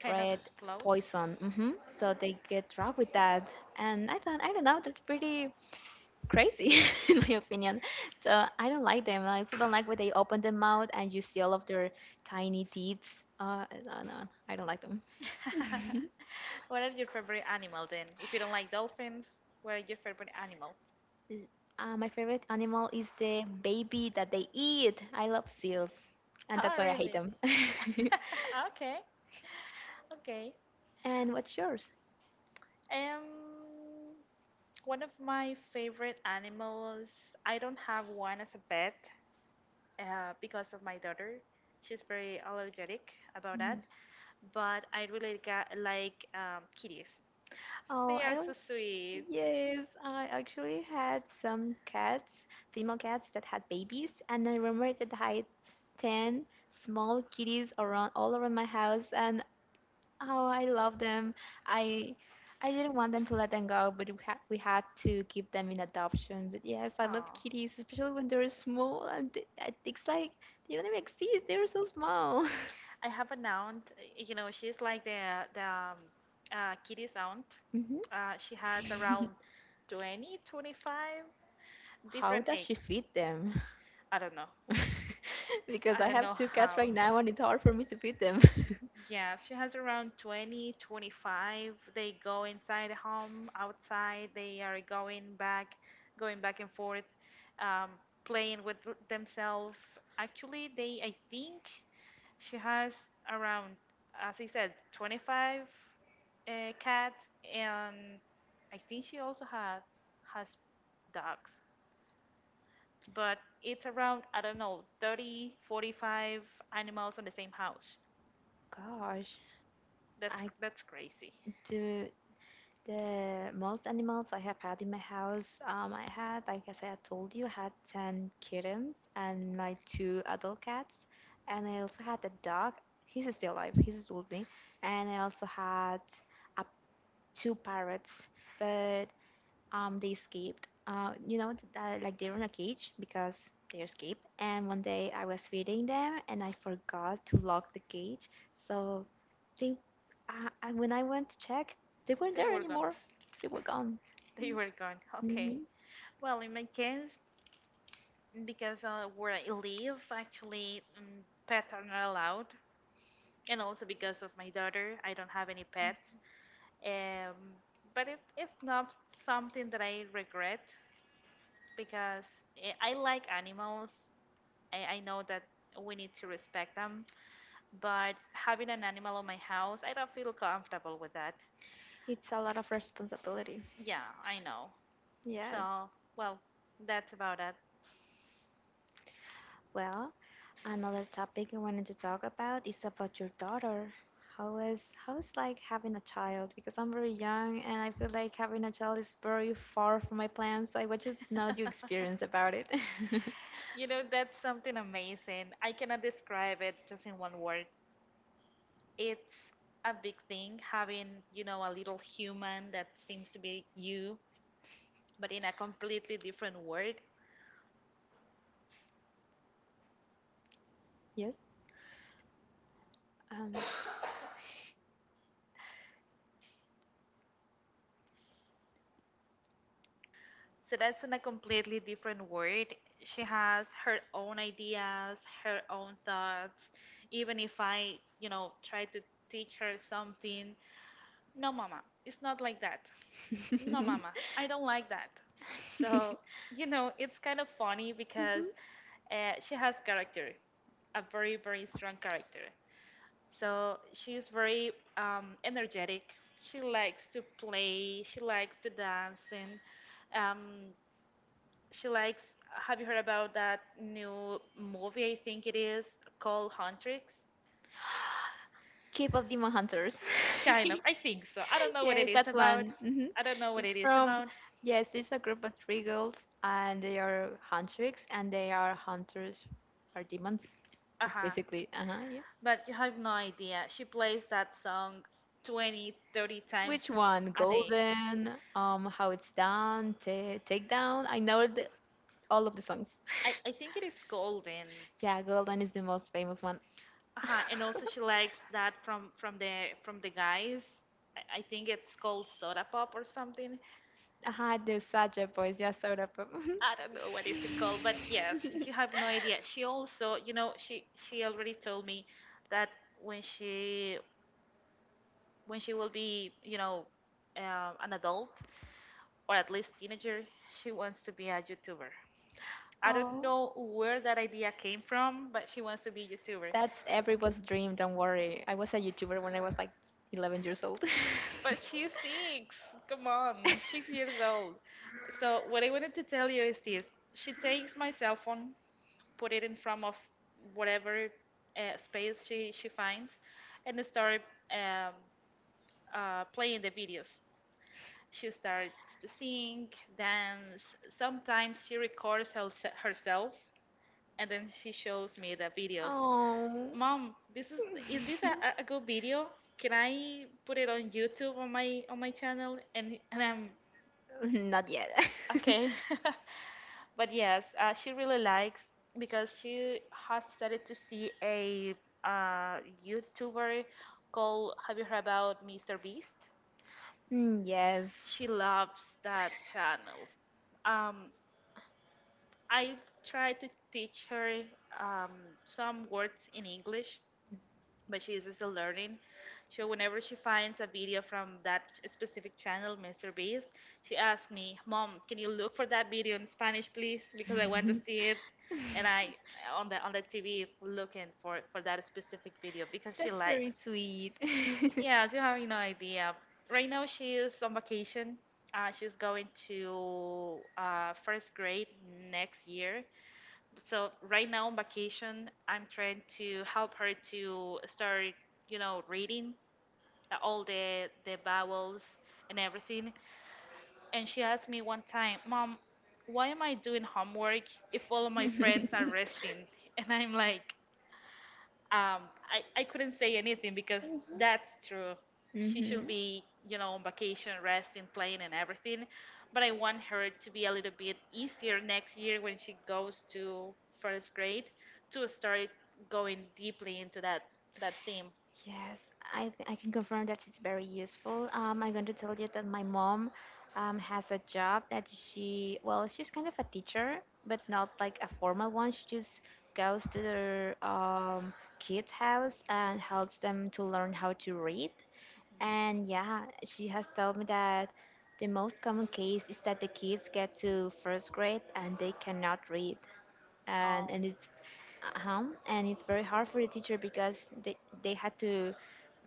[SPEAKER 2] kind of explode.
[SPEAKER 1] poison. hmm So they get drugged with that, and I thought I don't know. That's pretty crazy in my opinion. So I don't like them. I also don't like when they open their mouth and you see all of their tiny teeth. Uh, no, no, I don't like them.
[SPEAKER 2] What are your favorite animal then? If you don't like dolphins, what are your favorite animals?
[SPEAKER 1] L- Uh, my favorite animal is the baby that they eat. I love seals, and that's
[SPEAKER 2] Oh,
[SPEAKER 1] why I hate
[SPEAKER 2] really?
[SPEAKER 1] them.
[SPEAKER 2] Okay, okay.
[SPEAKER 1] And what's yours?
[SPEAKER 2] Um, one of my favorite animals, I don't have one as a pet, uh, because of my daughter. She's very allergic about that,
[SPEAKER 1] Mm.
[SPEAKER 2] but I really got, like um, kitties.
[SPEAKER 1] Oh,
[SPEAKER 2] They
[SPEAKER 1] I
[SPEAKER 2] are so
[SPEAKER 1] al-
[SPEAKER 2] sweet.
[SPEAKER 1] yes, I actually had some cats, female cats that had babies, and I remember that I had ten small kitties around, all around my house, and, oh, I love them. I I didn't want them to let them go, but we had we had to give them in adoption. But yes, I love
[SPEAKER 2] Oh.
[SPEAKER 1] kitties, especially when they're small. And th- I- it's like they don't even exist. They're so small.
[SPEAKER 2] I have an aunt, you know, she's like the the um, uh, Kitty's aunt.
[SPEAKER 1] hmm
[SPEAKER 2] Uh, she has around twenty, twenty-five
[SPEAKER 1] How
[SPEAKER 2] different
[SPEAKER 1] does she
[SPEAKER 2] ages.
[SPEAKER 1] feed them?
[SPEAKER 2] I don't know.
[SPEAKER 1] Because
[SPEAKER 2] I
[SPEAKER 1] I
[SPEAKER 2] don't
[SPEAKER 1] have
[SPEAKER 2] know
[SPEAKER 1] two cats
[SPEAKER 2] how.
[SPEAKER 1] right now, and it's hard for me to feed them.
[SPEAKER 2] Yeah, she has around twenty, twenty-five. They go inside the home, outside. They are going back, going back and forth, um, playing with th- themselves. Actually, they, I think she has around, as I said, twenty-five uh, cats, and I think she also has has dogs. But it's around, I don't know, thirty, forty-five animals on the same house.
[SPEAKER 1] Gosh,
[SPEAKER 2] That's
[SPEAKER 1] I
[SPEAKER 2] that's crazy.
[SPEAKER 1] do. The most animals I have had in my house, um, I had, like I said, I told you, I had ten kittens and my two adult cats. And I also had a dog. He's still alive, he's with me. And I also had a, two parrots. But um, they escaped. Uh, you know, th- uh, like, they're in a cage because they escaped. And one day I was feeding them and I forgot to lock the cage. So they, uh, I, when I went to check, they weren't
[SPEAKER 2] They
[SPEAKER 1] there
[SPEAKER 2] were gone.
[SPEAKER 1] anymore. They were gone.
[SPEAKER 2] They were gone.
[SPEAKER 1] hmm
[SPEAKER 2] Okay. Well, in my case, because uh, where I live, actually, um, pets are not allowed, and also because of my daughter, I don't have any pets. Um, but it, it's not something that I regret because eh, I like animals. I, I know that we need to respect them, but having an animal on my house, I don't feel comfortable with that.
[SPEAKER 1] It's a lot of responsibility.
[SPEAKER 2] Yeah, I know.
[SPEAKER 1] Yes.
[SPEAKER 2] So, well, that's about it.
[SPEAKER 1] Well, another topic I wanted to talk about is about your daughter. How is how is like having a child? Because I'm very young and I feel like having a child is very far from my plans. So I want to know your experience about it.
[SPEAKER 2] You know, that's something amazing. I cannot describe it just in one word. It's a big thing having, you know, a little human that seems to be you, but in a completely different world.
[SPEAKER 1] Yes. Um.
[SPEAKER 2] So that's in a completely different world. She has her own ideas, her own thoughts. Even if I, you know, try to teach her something, no, mama, it's not like that. No, mama, I don't like that. So, you know, it's kind of funny because
[SPEAKER 1] Mhm.
[SPEAKER 2] uh, she has character, a very, very strong character. So she's very um, energetic. She likes to play, she likes to dance, and um, she likes. Have you heard about that new movie? I think it is called Huntrix.
[SPEAKER 1] Keep of Demon Hunters.
[SPEAKER 2] Uh, Kind of, I think so. I don't know what
[SPEAKER 1] Yeah,
[SPEAKER 2] it is
[SPEAKER 1] that's
[SPEAKER 2] about.
[SPEAKER 1] one. hmm
[SPEAKER 2] I don't know what
[SPEAKER 1] It's
[SPEAKER 2] it is
[SPEAKER 1] from,
[SPEAKER 2] about.
[SPEAKER 1] yes, there's a group of three girls and they are huntress and they are hunters or demons. That's
[SPEAKER 2] Uh-huh.
[SPEAKER 1] basically uh huh, yeah.
[SPEAKER 2] But you have no idea. She plays that song twenty, thirty
[SPEAKER 1] Which
[SPEAKER 2] times
[SPEAKER 1] one?
[SPEAKER 2] a day.
[SPEAKER 1] Golden, um, How It's Done, Ta Take Down. I know the, all of the songs.
[SPEAKER 2] I, I think it is golden.
[SPEAKER 1] Yeah, Golden is the most famous one.
[SPEAKER 2] Uh-huh. And also she likes that from from the from the guys. I, I think it's called soda pop or something.
[SPEAKER 1] I do such a voice, yeah, sort of.
[SPEAKER 2] I don't know what is it called, but yes, you have no idea. She also, you know, she she already told me that when she when she will be, you know, uh, an adult, or at least teenager, she wants to be a YouTuber. I don't
[SPEAKER 1] Oh,
[SPEAKER 2] know where that idea came from, but she wants to be a YouTuber.
[SPEAKER 1] that's everyone's dream. Don't worry. I was a YouTuber when I was like eleven years old.
[SPEAKER 2] But she's six. Come on, six years old. So what I wanted to tell you is this: she takes my cell phone, put it in front of whatever uh, space she she finds, and start um, uh, playing the videos. She starts to sing, dance. Sometimes she records herse- herself and then she shows me the videos.
[SPEAKER 1] Oh.
[SPEAKER 2] Mom, this is is this a, a a good video? Can I put it on YouTube on my on my channel? And and I'm
[SPEAKER 1] Not yet.
[SPEAKER 2] okay. But yes, uh, she really likes because she has started to see a uh, YouTuber called. Have you heard about Mister Beast?
[SPEAKER 1] Mm, yes.
[SPEAKER 2] She loves that channel. Um, I try to teach her um, some words in English, but she is still learning. So whenever she finds a video from that specific channel, mister Beast, she asks me, "Mom, can you look for that video in Spanish, please? Because I want to see it." And I on the on the T V looking for for that specific video because she
[SPEAKER 1] That's
[SPEAKER 2] likes.
[SPEAKER 1] very sweet.
[SPEAKER 2] Yeah, so you have no idea. Right now she is on vacation. Uh, she's going to uh, first grade next year, so right now on vacation I'm trying to help her to start, you know, reading uh, all the the vowels and everything. And she asked me one time, "Mom, why am I doing homework if all of my friends are resting?" And I'm like, um, I, I couldn't say anything because that's true. She
[SPEAKER 1] Hmm,
[SPEAKER 2] should be, you know, on vacation, resting, playing, and everything. But I want her to be a little bit easier next year when she goes to first grade, to start going deeply into that that theme.
[SPEAKER 1] yes, I th I can confirm that it's very useful. Um, I'm going to tell you that my mom um, has a job that she, well, she's kind of a teacher, but not like a formal one. She just goes to their um, kids' house and helps them to learn how to read. And yeah, she has told me that the most common case is that the kids get to first grade and they cannot read. And,
[SPEAKER 2] Oh.
[SPEAKER 1] and it's at home and it's very hard for the teacher because they, they had to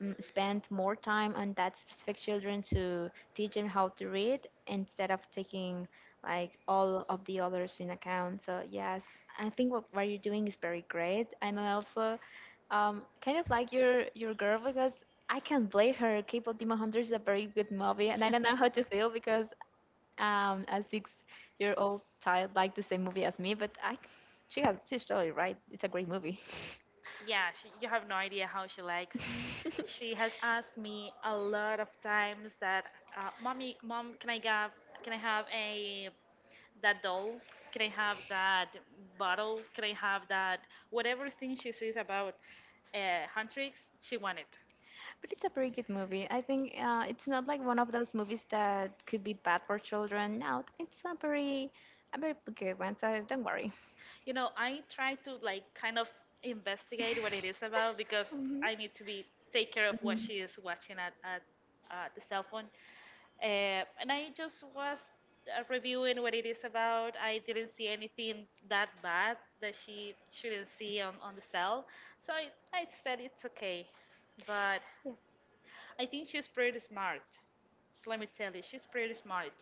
[SPEAKER 1] mm, spend more time on that specific children to teach them how to read instead of taking like all of the others in account. So yes, I think what, what you're doing is very great, and I also um, kind of like your your girl because I can't blame her. Cable demon hunter is a very good movie, and I don't know how to feel because um, a six-year-old child liked the same movie as me, but I, she has she's totally right. It's a great movie.
[SPEAKER 2] Yeah, she, you have no idea how she likes. She has asked me a lot of times that, uh, "Mommy, mom, can I have, can I have a that doll? Can I have that bottle? Can I have that whatever thing she sees about uh, hand tricks?" She wanted.
[SPEAKER 1] But it's a very good movie. I think uh, it's not like one of those movies that could be bad for children. No, it's a very, a very good one. So don't worry.
[SPEAKER 2] You know, I try to like kind of investigate what it is about, because
[SPEAKER 1] Mhm.
[SPEAKER 2] I need to be take care of what
[SPEAKER 1] Mm.
[SPEAKER 2] she is watching at, at uh, the cell phone, uh, and I just was uh, reviewing what it is about. I didn't see anything that bad that she shouldn't see on, on the cell, so I, I said it's okay. But
[SPEAKER 1] Yeah.
[SPEAKER 2] I think she's pretty smart, let me tell you. She's pretty smart.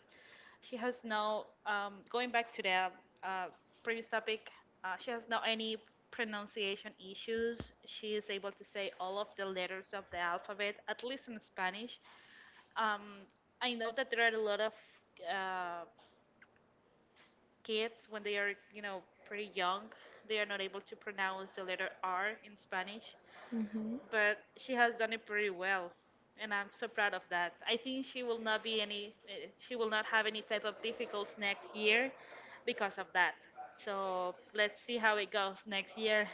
[SPEAKER 2] She has no, um, going back to the uh, previous topic, uh, she has no any pronunciation issues. She is able to say all of the letters of the alphabet, at least in Spanish. Um, I know that there are a lot of uh, kids, when they are, you know, pretty young, they are not able to pronounce the letter R in Spanish,
[SPEAKER 1] hmm
[SPEAKER 2] but she has done it pretty well. And I'm so proud of that. I think she will not be any eh, she will not have any type of difficulties next year because of that. So let's see how it goes next year.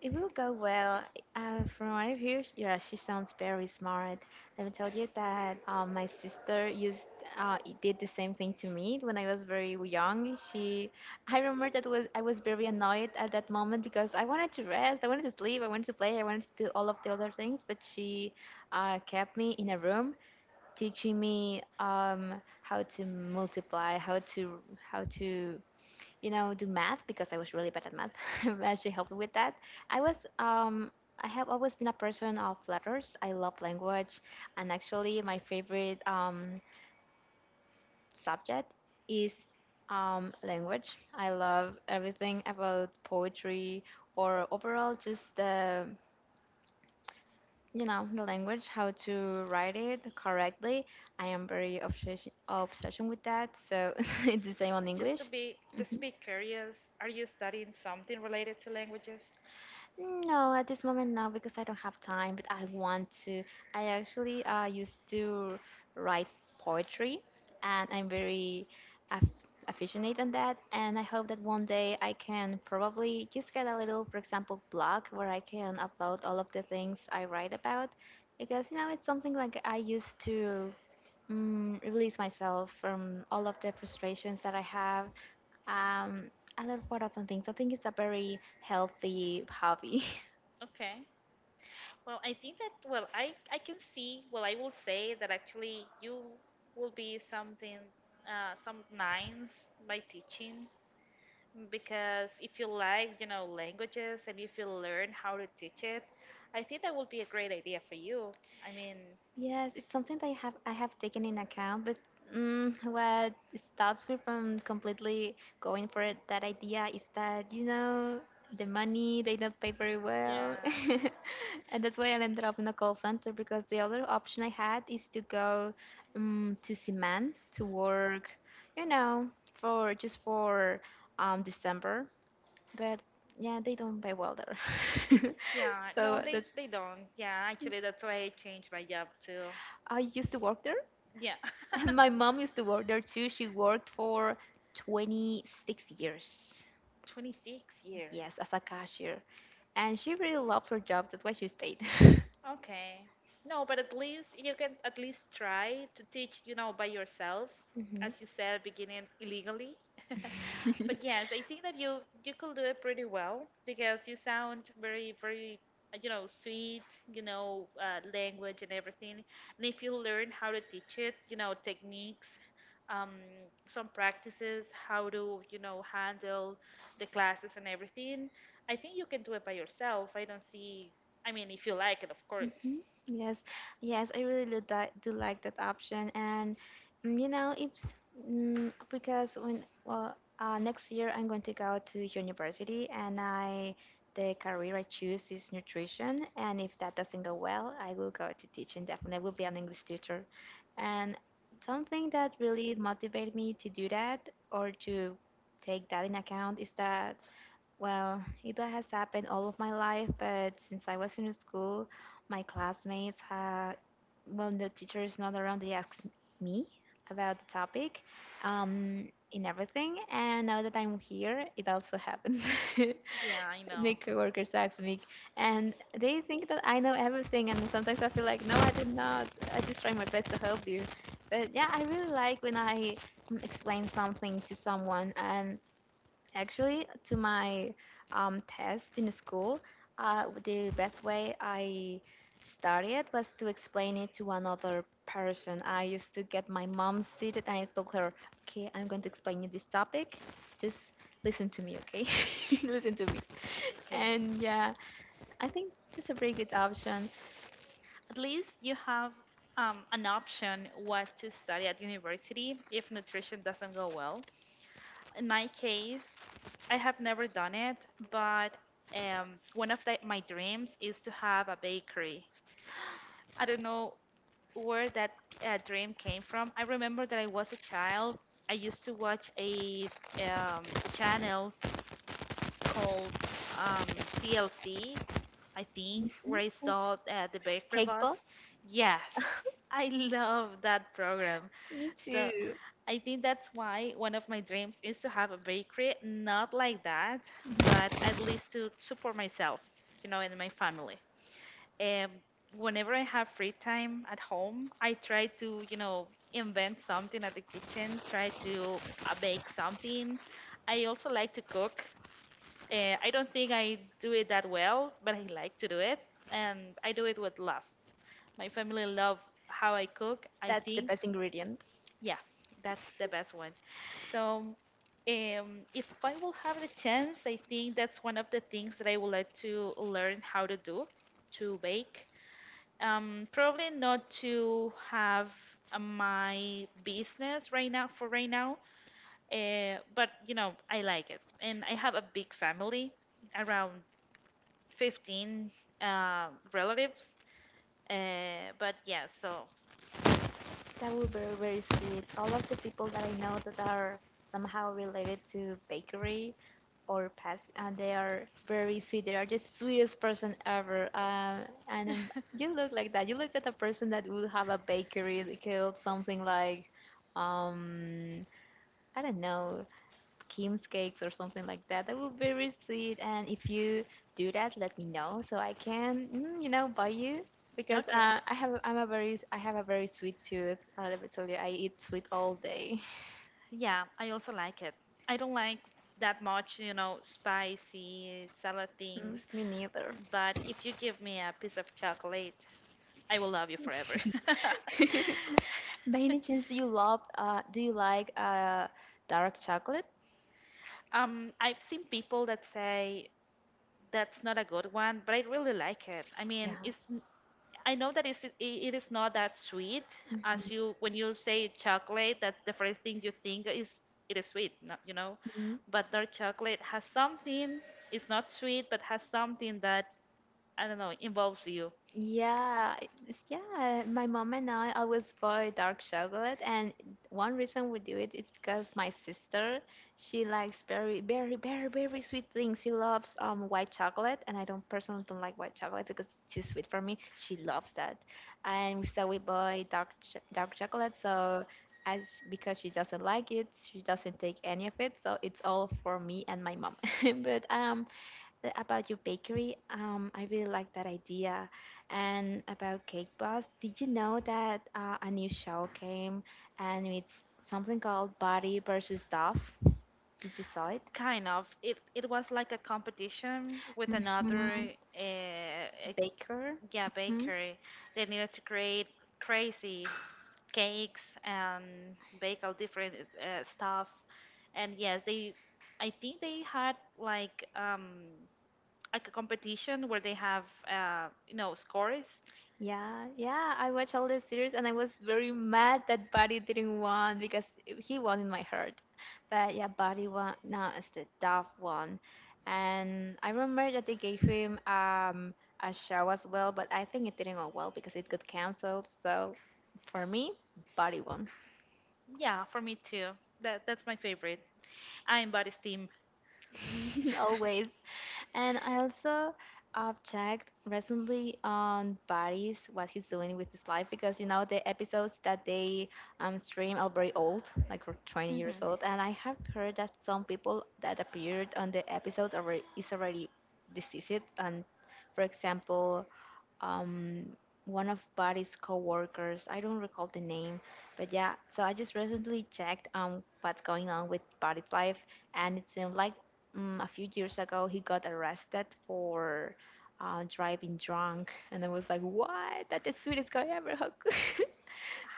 [SPEAKER 1] It will go well. Uh, from what I hear, yeah, she sounds very smart. Let me tell you that uh, my sister used uh, it did the same thing to me when I was very young. She, I remember that was I was very annoyed at that moment because I wanted to rest, I wanted to sleep, I wanted to play, I wanted to do all of the other things, but she uh, kept me in a room teaching me um, how to multiply, how to how to you know do math because I was really bad at math. But she helped me with that. I was um, I have always been a person of letters. I love language, and actually my favorite um, subject is um, language. I love everything about poetry or overall just the you know the language, how to write it correctly. I am very obsession obsession with that, so it's the same on
[SPEAKER 2] Just to
[SPEAKER 1] english.
[SPEAKER 2] be, just to
[SPEAKER 1] Mhm.
[SPEAKER 2] be curious, are you studying something related to languages?
[SPEAKER 1] No, at this moment, no, because I don't have time, but I want to. I actually uh, used to write poetry, and I'm very aff affectionate on that, and I hope that one day I can probably just get a little, for example, blog where I can upload all of the things I write about because you know it's something like I used to mm, release myself from all of the frustrations that I have. Um, I learn quite often things. I think it's a very healthy hobby.
[SPEAKER 2] Okay, well, I think that, well, i i can see, well, I will say that actually you will be something uh, some nines by teaching, because if you like, you know, languages, and if you learn how to teach it, I think that would be a great idea for you. I mean,
[SPEAKER 1] Yes, it's something that I have I have taken in account, but mm, what stops me from completely going for it, that idea is that you know the money, they don't pay very well,
[SPEAKER 2] yeah,
[SPEAKER 1] and that's why I ended up in a call center because the other option I had is to go um, to Siman to work, you know, for just for um, December, but yeah, they don't pay well there,
[SPEAKER 2] yeah, no,
[SPEAKER 1] so
[SPEAKER 2] they
[SPEAKER 1] that's
[SPEAKER 2] they don't. Yeah, actually, that's why I changed my job too.
[SPEAKER 1] I used to work there.
[SPEAKER 2] Yeah,
[SPEAKER 1] My mom used to work there too. She worked for twenty-six years,
[SPEAKER 2] twenty-six years.
[SPEAKER 1] yes, as a cashier. And she really loved her job. That's why she stayed.
[SPEAKER 2] Okay. No, but at least you can at least try to teach, you know, by yourself,
[SPEAKER 1] Hmm.
[SPEAKER 2] as you said, beginning illegally. But yes, I think that you you could do it pretty well, because you sound very, very, uh, you know, sweet, you know, uh, language and everything. And if you learn how to teach it, you know, techniques, um, some practices, how to, you know, handle the classes and everything, I think you can do it by yourself. I don't see. I mean, if you like it, of course.
[SPEAKER 1] Mhm. Yes, yes, I really do, di- do like that option, and mm, you know, it's mm, because when well, uh, next year I'm going to go to university, and I the career I choose is nutrition, and if that doesn't go well, I will go to teaching. Definitely, I will be an English teacher, and something that really motivated me to do that or to take that in account is that, well, it has happened all of my life, but since I was in school, my classmates had, when the teacher is not around, they ask me about the topic, um, in everything. And now that I'm here, it also happens.
[SPEAKER 2] Yeah, I
[SPEAKER 1] My
[SPEAKER 2] know.
[SPEAKER 1] coworkers ask me, and they think that I know everything, and sometimes I feel like, no, I did not. I just try my best to help you. But yeah, I really like when I mm, explain something to someone. And actually, to my um, test in school, uh, the best way I studied was to explain it to another person. I used to get my mom seated and I told her, okay, I'm going to explain you this topic. Just listen to me, okay? Listen to me.
[SPEAKER 2] Okay.
[SPEAKER 1] And yeah, I think that's a very good option.
[SPEAKER 2] At least you have um, an option what to study at university if nutrition doesn't go well. In my case, I have never done it, but um, one of the, my dreams is to have a bakery. I don't know where that uh, dream came from. I remember that I was a child. I used to watch a um, channel called um, D L C, I think, where
[SPEAKER 1] Mhm.
[SPEAKER 2] I
[SPEAKER 1] Yes.
[SPEAKER 2] saw uh, the Bakery
[SPEAKER 1] Cake
[SPEAKER 2] Boss.
[SPEAKER 1] bots?
[SPEAKER 2] Yes, I love that program.
[SPEAKER 1] Me
[SPEAKER 2] So
[SPEAKER 1] too.
[SPEAKER 2] I think that's why one of my dreams is to have a bakery, not like that, but at least to support myself, you know, and my family. Um, Whenever I have free time at home, I try to, you know, invent something at the kitchen, try to uh, bake something. I also like to cook. Uh, I don't think I do it that well, but I like to do it, and I do it with love. My family love how I cook. I
[SPEAKER 1] That's the
[SPEAKER 2] think,
[SPEAKER 1] best ingredient.
[SPEAKER 2] yeah, that's the best one. So, um, if I will have the chance, I think that's one of the things that I would like to learn how to do, to bake. Um, probably not to have uh, my business right now for right now, uh, but you know, I like it, and I have a big family, around fifteen uh, relatives. Uh, but yeah, so
[SPEAKER 1] That would be very, very sweet. All of the people that I know that are somehow related to bakery or past, and they are very sweet. They are just sweetest person ever. Um, and um, you look like that. You look like a person that would have a bakery that could something like, um, I don't know, Kim's cakes or something like that. That would be very sweet. And if you do that, let me know so I can, mm, you know, buy you because
[SPEAKER 2] okay.
[SPEAKER 1] uh, I have I'm a very I have a very sweet tooth. Uh, let me tell you, I eat sweet all day.
[SPEAKER 2] Yeah, I also like it. I don't like that much, you know, spicy salad things,
[SPEAKER 1] Mm, me neither.
[SPEAKER 2] but if you give me a piece of chocolate, I will love you forever.
[SPEAKER 1] By any chance, do you love? Uh, do you like uh, dark chocolate?
[SPEAKER 2] Um, I've seen people that say that's not a good one, but I really like it. I mean,
[SPEAKER 1] Yeah.
[SPEAKER 2] it's, I know that it's, it, it is not that sweet as you, when you say chocolate. That's the first thing you think, is it is sweet, no- you know.
[SPEAKER 1] Hmm.
[SPEAKER 2] But their chocolate has something. It's not sweet, but has something that I don't know, involves you.
[SPEAKER 1] Yeah, it's- yeah. My mom and I always buy dark chocolate, and one reason we do it is because my sister, she likes very, very, very, very sweet things. She loves um white chocolate, and I don't personally don't like white chocolate because it's too sweet for me. She loves that, and so we buy dark ch dark chocolate. So as Because she doesn't like it, she doesn't take any of it. So it's all for me and my mom. But um uh, about your bakery. Um, I really like that idea. And about Cake Boss, did you know that uh, a new show came and it's something called Body versus Stuff? Did you saw it?
[SPEAKER 2] Kind of. It it was like a competition with
[SPEAKER 1] Mm-hmm.
[SPEAKER 2] another uh, uh,
[SPEAKER 1] Baker.
[SPEAKER 2] yeah,
[SPEAKER 1] Hmm.
[SPEAKER 2] bakery. They needed to create crazy cakes and bake all different uh, stuff. And yes, they, I think they had like um like a competition where they have uh you know, scores.
[SPEAKER 1] Yeah, yeah, I watched all the series and I was very mad that Buddy didn't win because he won in my heart. But yeah, Buddy won. No, it's the Dove one. And I remember that they gave him um, a show as well, but I think it didn't go well because it got cancelled. So for me, Buddy won.
[SPEAKER 2] Yeah, for me too. That that's my favorite. I am Body's team.
[SPEAKER 1] Always. And I also uh, checked recently on Barrys what he's doing with his life because you know the episodes that they um, stream are very old, like for twenty years
[SPEAKER 2] Hmm,
[SPEAKER 1] old. And I have heard that some people that appeared on the episodes already is already deceased. And for example, um, one of Buddy's coworkers. I don't recall the name, but yeah. So I just recently checked um what's going on with Buddy's life, and it seemed like um, a few years ago he got arrested for uh, driving drunk, and I was like, what? That's the sweetest guy ever. How could—"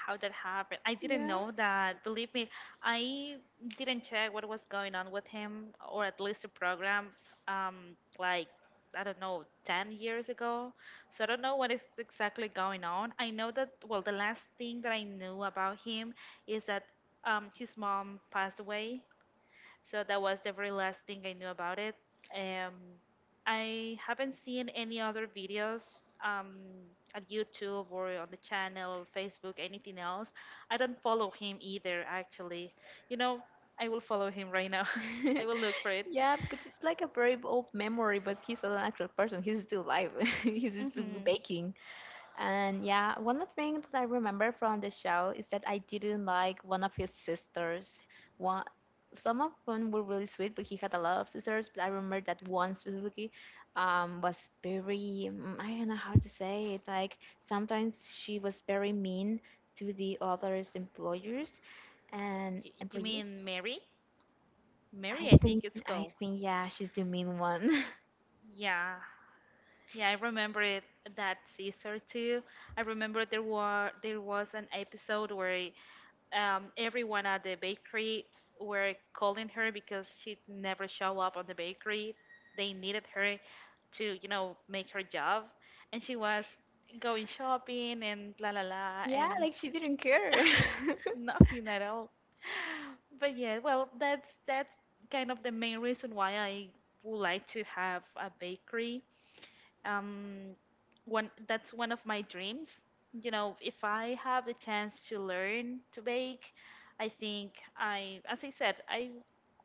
[SPEAKER 2] how that happened. I didn't
[SPEAKER 1] Yeah.
[SPEAKER 2] know that. Believe me, I didn't check what was going on with him, or at least the program, um, like I don't know, ten years ago. So I don't know what is exactly going on. I know that, well, the last thing that I knew about him is that um, his mom passed away, so that was the very last thing I knew about it. Um, I haven't seen any other videos um, on YouTube or on the channel, Facebook, anything else. I don't follow him either, actually. You know, I will follow him right now. I will look for it.
[SPEAKER 1] Yeah, because it's like a very old memory, but he's an actual person. He's still alive. He's still
[SPEAKER 2] Mm-hmm.
[SPEAKER 1] baking. And yeah, one of the things that I remember from the show is that I didn't like one of his sisters. One, some of them were really sweet, but he had a lot of sisters. But I remember that one specifically um, was very, mm, I don't know how to say it. Like sometimes she was very mean to the others' employers and
[SPEAKER 2] Y- you
[SPEAKER 1] employees.
[SPEAKER 2] mean Mary?
[SPEAKER 1] I
[SPEAKER 2] Mary, I
[SPEAKER 1] think,
[SPEAKER 2] think it's
[SPEAKER 1] I
[SPEAKER 2] called.
[SPEAKER 1] think, yeah, she's the mean one.
[SPEAKER 2] Yeah. Yeah, I remember it that Caesar too. I remember there were there was an episode where um, everyone at the bakery were calling her because she'd never show up on the bakery. They needed her to, you know, make her job, and she was going shopping and la la la
[SPEAKER 1] Yeah,
[SPEAKER 2] and
[SPEAKER 1] like she didn't care.
[SPEAKER 2] nothing at all. But yeah, well, that's that's kind of the main reason why I would like to have a bakery, um one, that's one of my dreams, you know. If I have the chance to learn to bake, I think I, as I said, I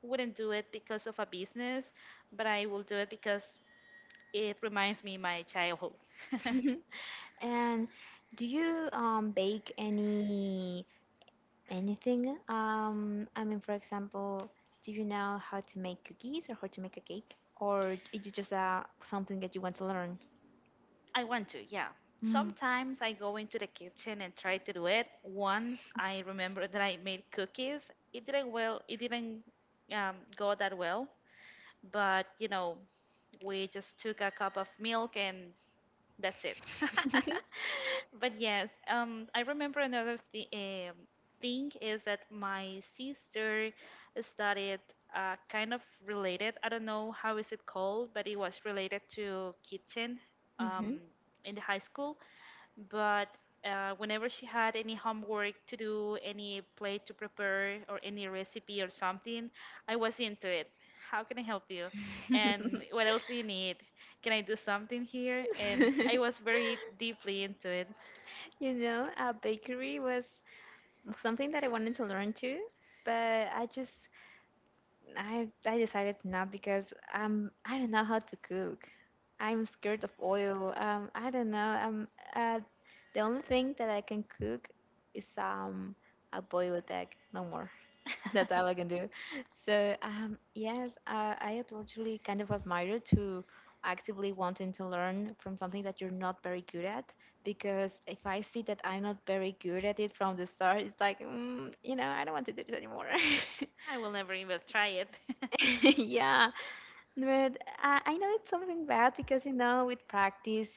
[SPEAKER 2] wouldn't do it because of a business, but I will do it because it reminds me my childhood.
[SPEAKER 1] And do you um bake any anything? Um, I mean, for example, do you know how to make cookies or how to make a cake, or is it just uh, something that you want to learn?
[SPEAKER 2] I want to, yeah,
[SPEAKER 1] Mm.
[SPEAKER 2] sometimes I go into the kitchen and try to do it. Once I remember that I made cookies, it didn't, well, it didn't um, go that well. But, you know, we just took a cup of milk and that's it. But yes, um, I remember another th um, thing is that my sister studied uh, kind of related. I don't know how is it called, but it was related to kitchen
[SPEAKER 1] Mm-hmm.
[SPEAKER 2] um, in the high school. But uh, whenever she had any homework to do, any plate to prepare, or any recipe or something, I was into it. How can I help you? And what else do you need? Can I do something here? And I was very deeply into it.
[SPEAKER 1] You know, a bakery was something that I wanted to learn too, but I just I I decided not because um I don't know how to cook. I'm scared of oil. Um, I don't know. Um, uh, the only thing that I can cook is um a boiled egg, no more. That's all I can do. So, um, yes, uh, I totally kind of admire to actively wanting to learn from something that you're not very good at. Because if I see that I'm not very good at it from the start, it's like, mm, you know, I don't want to do this anymore.
[SPEAKER 2] I will never even try it.
[SPEAKER 1] Yeah, but I, I know it's something bad because, you know, with practice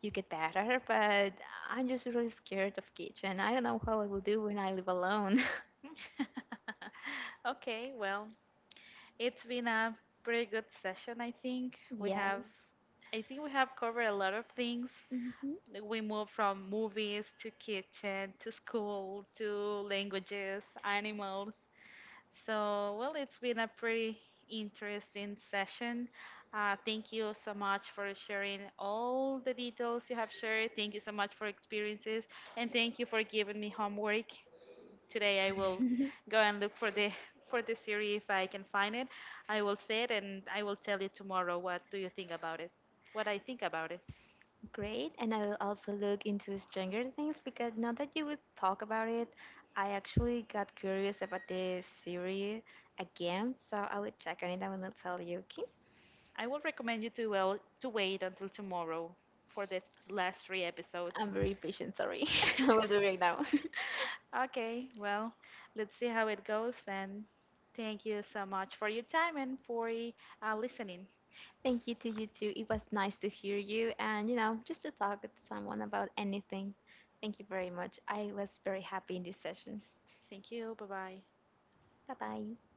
[SPEAKER 1] you get better, but I'm just really scared of kitchen. I don't know how I will do when I live alone.
[SPEAKER 2] Okay, well, it's been a pretty good session, I think. We
[SPEAKER 1] Yeah.
[SPEAKER 2] have, I think we have covered a lot of things.
[SPEAKER 1] Hmm.
[SPEAKER 2] Like, we move from movies to kitchen to school to languages, animals. So, well, it's been a pretty interesting session. Uh, thank you so much for sharing all the details you have shared. Thank you so much for experiences, and thank you for giving me homework. Today, I will go and look for the for the series if I can find it. I will say it, and I will tell you tomorrow what do you think about it, what I think about it.
[SPEAKER 1] Great, and I will also look into Stranger Things because now that you would talk about it, I actually got curious about this series again, so I will check on it. I will not tell you, okay?
[SPEAKER 2] I will recommend you to, well, to wait until tomorrow for the last three episodes.
[SPEAKER 1] I'm very patient, sorry. I will do right now.
[SPEAKER 2] Okay, well, let's see how it goes. And thank you so much for your time and for uh, listening.
[SPEAKER 1] Thank you to you too. It was nice to hear you and, you know, just to talk with someone about anything. Thank you very much. I was very happy in this session.
[SPEAKER 2] Thank you. Bye bye.
[SPEAKER 1] Bye bye.